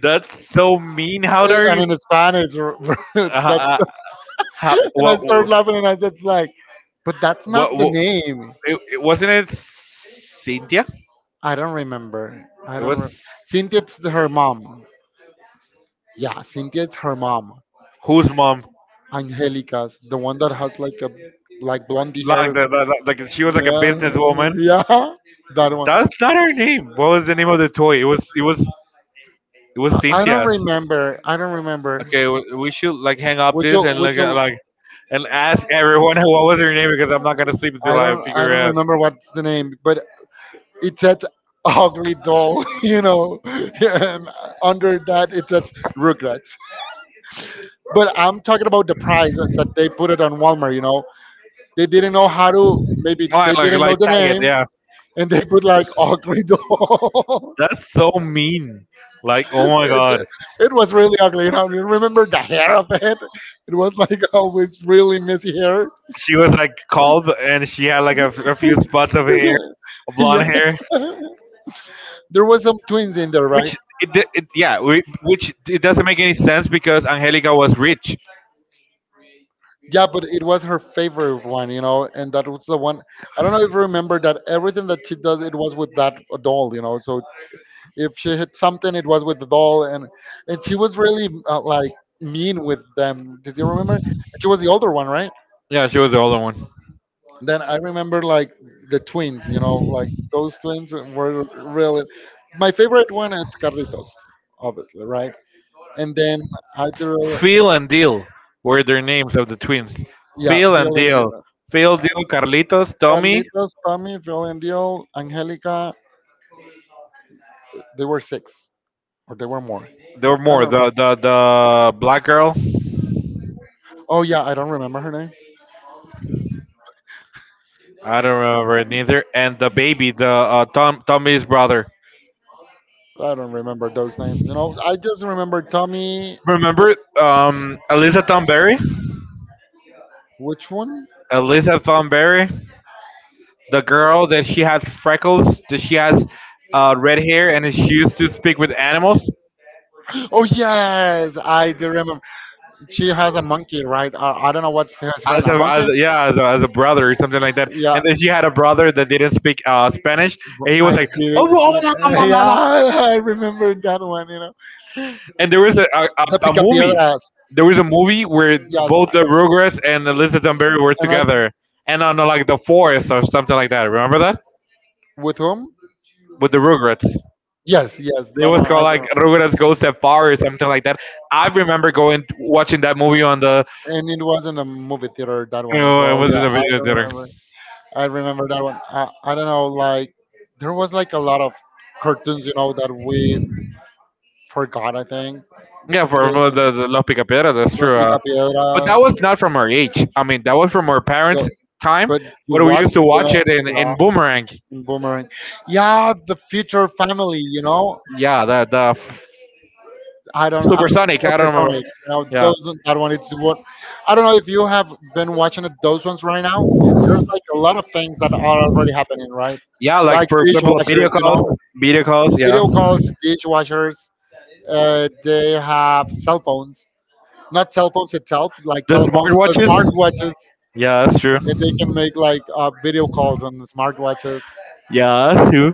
Speaker 1: that's so mean. How dare you?
Speaker 2: and in Spanish,
Speaker 1: Uh,
Speaker 2: that's
Speaker 1: uh, how,
Speaker 2: and I
Speaker 1: what?
Speaker 2: started laughing and I said, like, but that's not the
Speaker 1: What
Speaker 2: name.
Speaker 1: it, it wasn't it Cynthia?
Speaker 2: I don't remember. I
Speaker 1: It
Speaker 2: don't remember.
Speaker 1: was
Speaker 2: Cynthia's her mom. Yeah, Cynthia's her mom.
Speaker 1: whose mom?
Speaker 2: Angelica's the one that has like a like blondie
Speaker 1: Like
Speaker 2: hair.
Speaker 1: the like she was like a
Speaker 2: Yeah,
Speaker 1: businesswoman.
Speaker 2: yeah, that one.
Speaker 1: That's not her name. What was the name of the toy? It was it was
Speaker 2: I don't
Speaker 1: Cynthia's.
Speaker 2: remember. I don't remember.
Speaker 1: Okay, w- we should like hang up this and
Speaker 2: Which will
Speaker 1: like and ask everyone what was her name because I'm not gonna sleep until I
Speaker 2: I
Speaker 1: figure it
Speaker 2: don't
Speaker 1: out.
Speaker 2: remember what's the name, but it says ugly doll, you know. And under that it says Rugrats. But I'm talking about the price that they put it on Walmart. You know, they didn't know how to. Maybe
Speaker 1: Like
Speaker 2: they
Speaker 1: like
Speaker 2: didn't
Speaker 1: like
Speaker 2: know the
Speaker 1: tag it.
Speaker 2: name,
Speaker 1: Yeah,
Speaker 2: and they put like ugly doll.
Speaker 1: that's so mean. Like oh my god,
Speaker 2: it, it was really ugly. You know, you remember the hair of it? It was like always really messy hair.
Speaker 1: she was like called and she had like a few spots of hair, blonde
Speaker 2: Yeah,
Speaker 1: hair.
Speaker 2: there was some twins in there, right?
Speaker 1: Which it yeah, we, which it doesn't make any sense because Angelica was rich.
Speaker 2: Yeah, but it was her favorite one, you know, and that was the one. I don't know if you remember that everything that she does, it was with that doll, you know. So if she hit something, it was with the doll, and she was really like mean with them. Did you remember? She was the older one, right?
Speaker 1: Yeah, she was the older one.
Speaker 2: Then I remember like the twins. You know, like those twins were really my favorite one. Is Carlitos, obviously, right? And then I do,
Speaker 1: Phil and Deal were their names of the twins.
Speaker 2: yeah,
Speaker 1: Phil and
Speaker 2: Phil and
Speaker 1: Deal.
Speaker 2: Dio.
Speaker 1: Phil, Deal, Carlitos, Tommy.
Speaker 2: Carlitos, Tommy, Phil and Dio, Angelica. They were six, or they were more.
Speaker 1: There were
Speaker 2: I
Speaker 1: more.
Speaker 2: don't.
Speaker 1: The black girl.
Speaker 2: Oh yeah, I don't remember her name.
Speaker 1: I don't remember it neither. And the baby, the Tommy's brother.
Speaker 2: I don't remember those names. You know, I just remember Tommy.
Speaker 1: Remember Eliza Tom Berry?
Speaker 2: Which one?
Speaker 1: Elizabeth Von Berry, the girl that she had freckles, that she has red hair, and she used to speak with animals
Speaker 2: Oh yes, I do remember. She has a monkey, right? I don't know what's his
Speaker 1: as
Speaker 2: friend. A monkey?
Speaker 1: as a brother or something like that.
Speaker 2: Yeah,
Speaker 1: And then she had a brother that didn't speak Spanish, and he was
Speaker 2: I did.
Speaker 1: like, oh, blah, blah,
Speaker 2: It.
Speaker 1: blah, blah,
Speaker 2: Yeah,
Speaker 1: blah, blah."
Speaker 2: I remember that one. You know,
Speaker 1: And there was
Speaker 2: the
Speaker 1: a movie.
Speaker 2: Picapiedras.
Speaker 1: There was a movie where
Speaker 2: Yes,
Speaker 1: both
Speaker 2: yes.
Speaker 1: the Rugrats and Elizabeth Dunbury were
Speaker 2: And I
Speaker 1: together, and on like the forest or something like that. Remember that
Speaker 2: with whom?
Speaker 1: with the Rugrats?
Speaker 2: Yes, yes,
Speaker 1: It
Speaker 2: that
Speaker 1: was
Speaker 2: one.
Speaker 1: called
Speaker 2: I
Speaker 1: like
Speaker 2: don't.
Speaker 1: Rugrats Goes That Far or something like that. I remember going watching that movie on the
Speaker 2: And it was in the movie theater. That
Speaker 1: you
Speaker 2: one as
Speaker 1: know, it
Speaker 2: well.
Speaker 1: was in
Speaker 2: Yeah,
Speaker 1: a
Speaker 2: I
Speaker 1: video
Speaker 2: don't
Speaker 1: theater.
Speaker 2: remember. I remember that one. I don't know. Like there was like a lot of cartoons, you know, that we forgot, I think.
Speaker 1: Yeah,
Speaker 2: Yeah, for
Speaker 1: for
Speaker 2: Que
Speaker 1: the La Picapedra, that's
Speaker 2: los but
Speaker 1: true. But that
Speaker 2: picapiedras.
Speaker 1: was not from our age. I mean, that was from our parents'
Speaker 2: Yo,
Speaker 1: time.
Speaker 2: but
Speaker 1: But
Speaker 2: you
Speaker 1: we
Speaker 2: watch
Speaker 1: used to
Speaker 2: you
Speaker 1: watch it
Speaker 2: know,
Speaker 1: in
Speaker 2: yeah,
Speaker 1: Boomerang.
Speaker 2: and Boomerang. Yeah, the future family. You know,
Speaker 1: Yeah, the
Speaker 2: I don't. I'm
Speaker 1: Supersonic.
Speaker 2: so
Speaker 1: I don't remember.
Speaker 2: personic. You know,
Speaker 1: Yeah,
Speaker 2: those that one. It's what I don't know if you have been watching it, those ones right now. There's like a lot of things that are already happening, right?
Speaker 1: yeah. Like
Speaker 2: Like
Speaker 1: for example,
Speaker 2: dishwashers. You know,
Speaker 1: video calls. Yeah,
Speaker 2: video calls, dishwashers. They have cell phones. Not cell phones itself, like
Speaker 1: the
Speaker 2: telephone,
Speaker 1: smartwatches.
Speaker 2: smartwatches.
Speaker 1: Yeah, that's true.
Speaker 2: And they can make like video calls on smartwatches.
Speaker 1: Yeah, that's true.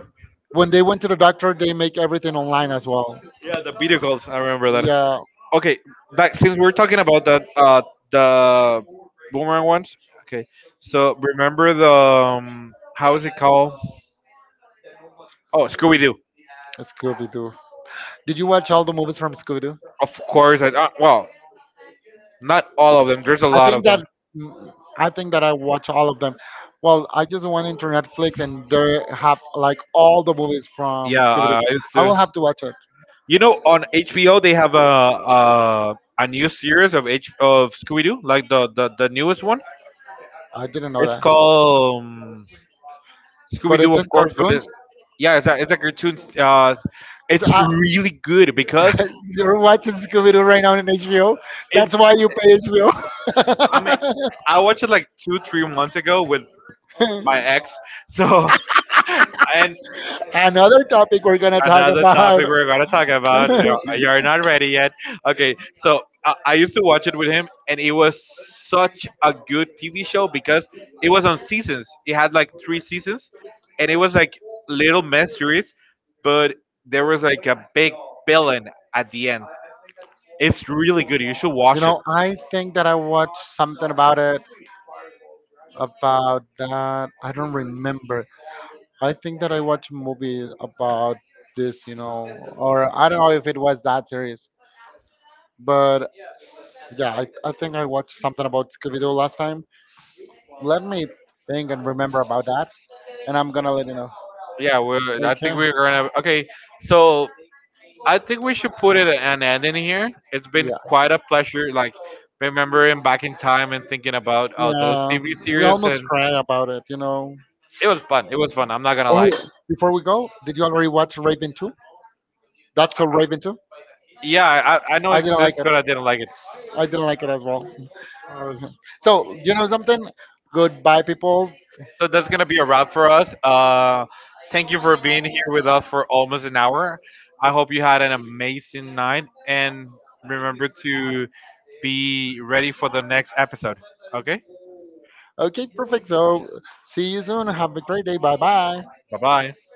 Speaker 2: When they went to the doctor, they make everything online as well.
Speaker 1: Yeah, the video calls. I remember that.
Speaker 2: Yeah,
Speaker 1: Okay, back since we're talking about that, the boomerang ones. Okay, so remember the how is it called? Oh, Scooby Doo.
Speaker 2: Scooby Doo. Did you watch all the movies from Scooby Doo?
Speaker 1: Of course, I well, not all of them. There's a
Speaker 2: I
Speaker 1: lot of
Speaker 2: think
Speaker 1: them.
Speaker 2: that mm, I think that I watch all of them. Well, I just went into Netflix and they have like all the movies from
Speaker 1: Yeah,
Speaker 2: Scooby Doo.
Speaker 1: I used
Speaker 2: I
Speaker 1: to.
Speaker 2: will have to watch it.
Speaker 1: You know, on HBO they have a new series of H of Scooby Doo, like the newest one.
Speaker 2: I didn't know
Speaker 1: It's
Speaker 2: that,
Speaker 1: called. Scooby
Speaker 2: but
Speaker 1: Doo,
Speaker 2: it's in
Speaker 1: of course, but
Speaker 2: cartoons.
Speaker 1: it's, yeah, it's a cartoon.
Speaker 2: It's,
Speaker 1: It's
Speaker 2: I,
Speaker 1: really good because
Speaker 2: you're watching Scooby Doo right now in HBO.
Speaker 1: it's.
Speaker 2: That's why you pay
Speaker 1: I mean, I
Speaker 2: HBO.
Speaker 1: watched it like two, 3 months ago with my ex. So, and
Speaker 2: Another topic we're gonna talk
Speaker 1: another
Speaker 2: about.
Speaker 1: topic we're gonna talk about.
Speaker 2: You
Speaker 1: You're not ready yet. Okay, so I used to watch it with him, and it was such a good TV show because it was on seasons. It had like three seasons, and it was like little mysteries, but there was like a big villain at the end. It's really good. You should watch it.
Speaker 2: know, I think that I watched something about it. About that, I don't remember. I think that I watched a movie about this. You know, or I don't know if it was that serious. But yeah, I think I watched something about Scooby Doo last time. Let me think and remember about that, and I'm gonna let you know.
Speaker 1: Yeah, we're, I think
Speaker 2: Okay.
Speaker 1: we're gonna. Okay, so I think we should put it an end in here. It's been
Speaker 2: Yeah.
Speaker 1: quite a pleasure, like remembering back in time and thinking about those
Speaker 2: Yeah.
Speaker 1: TV
Speaker 2: We
Speaker 1: series,
Speaker 2: almost
Speaker 1: and
Speaker 2: cried about it. You know.
Speaker 1: it was fun. It was fun. I'm not gonna
Speaker 2: Oh,
Speaker 1: lie.
Speaker 2: before we go, did you already watch Raven 2? That's a Raven 2?
Speaker 1: Yeah, I know it
Speaker 2: I didn't like
Speaker 1: exists,
Speaker 2: it.
Speaker 1: but I didn't like it.
Speaker 2: I didn't like it as well.
Speaker 1: I was-
Speaker 2: So, you know something? Goodbye, people.
Speaker 1: So that's gonna be a wrap for us. Thank you for being here with us for almost an hour. I hope you had an amazing night, and remember to be ready for the next episode. Okay,
Speaker 2: Okay, perfect. So, see you soon. Have a great day. Bye bye.
Speaker 1: bye bye.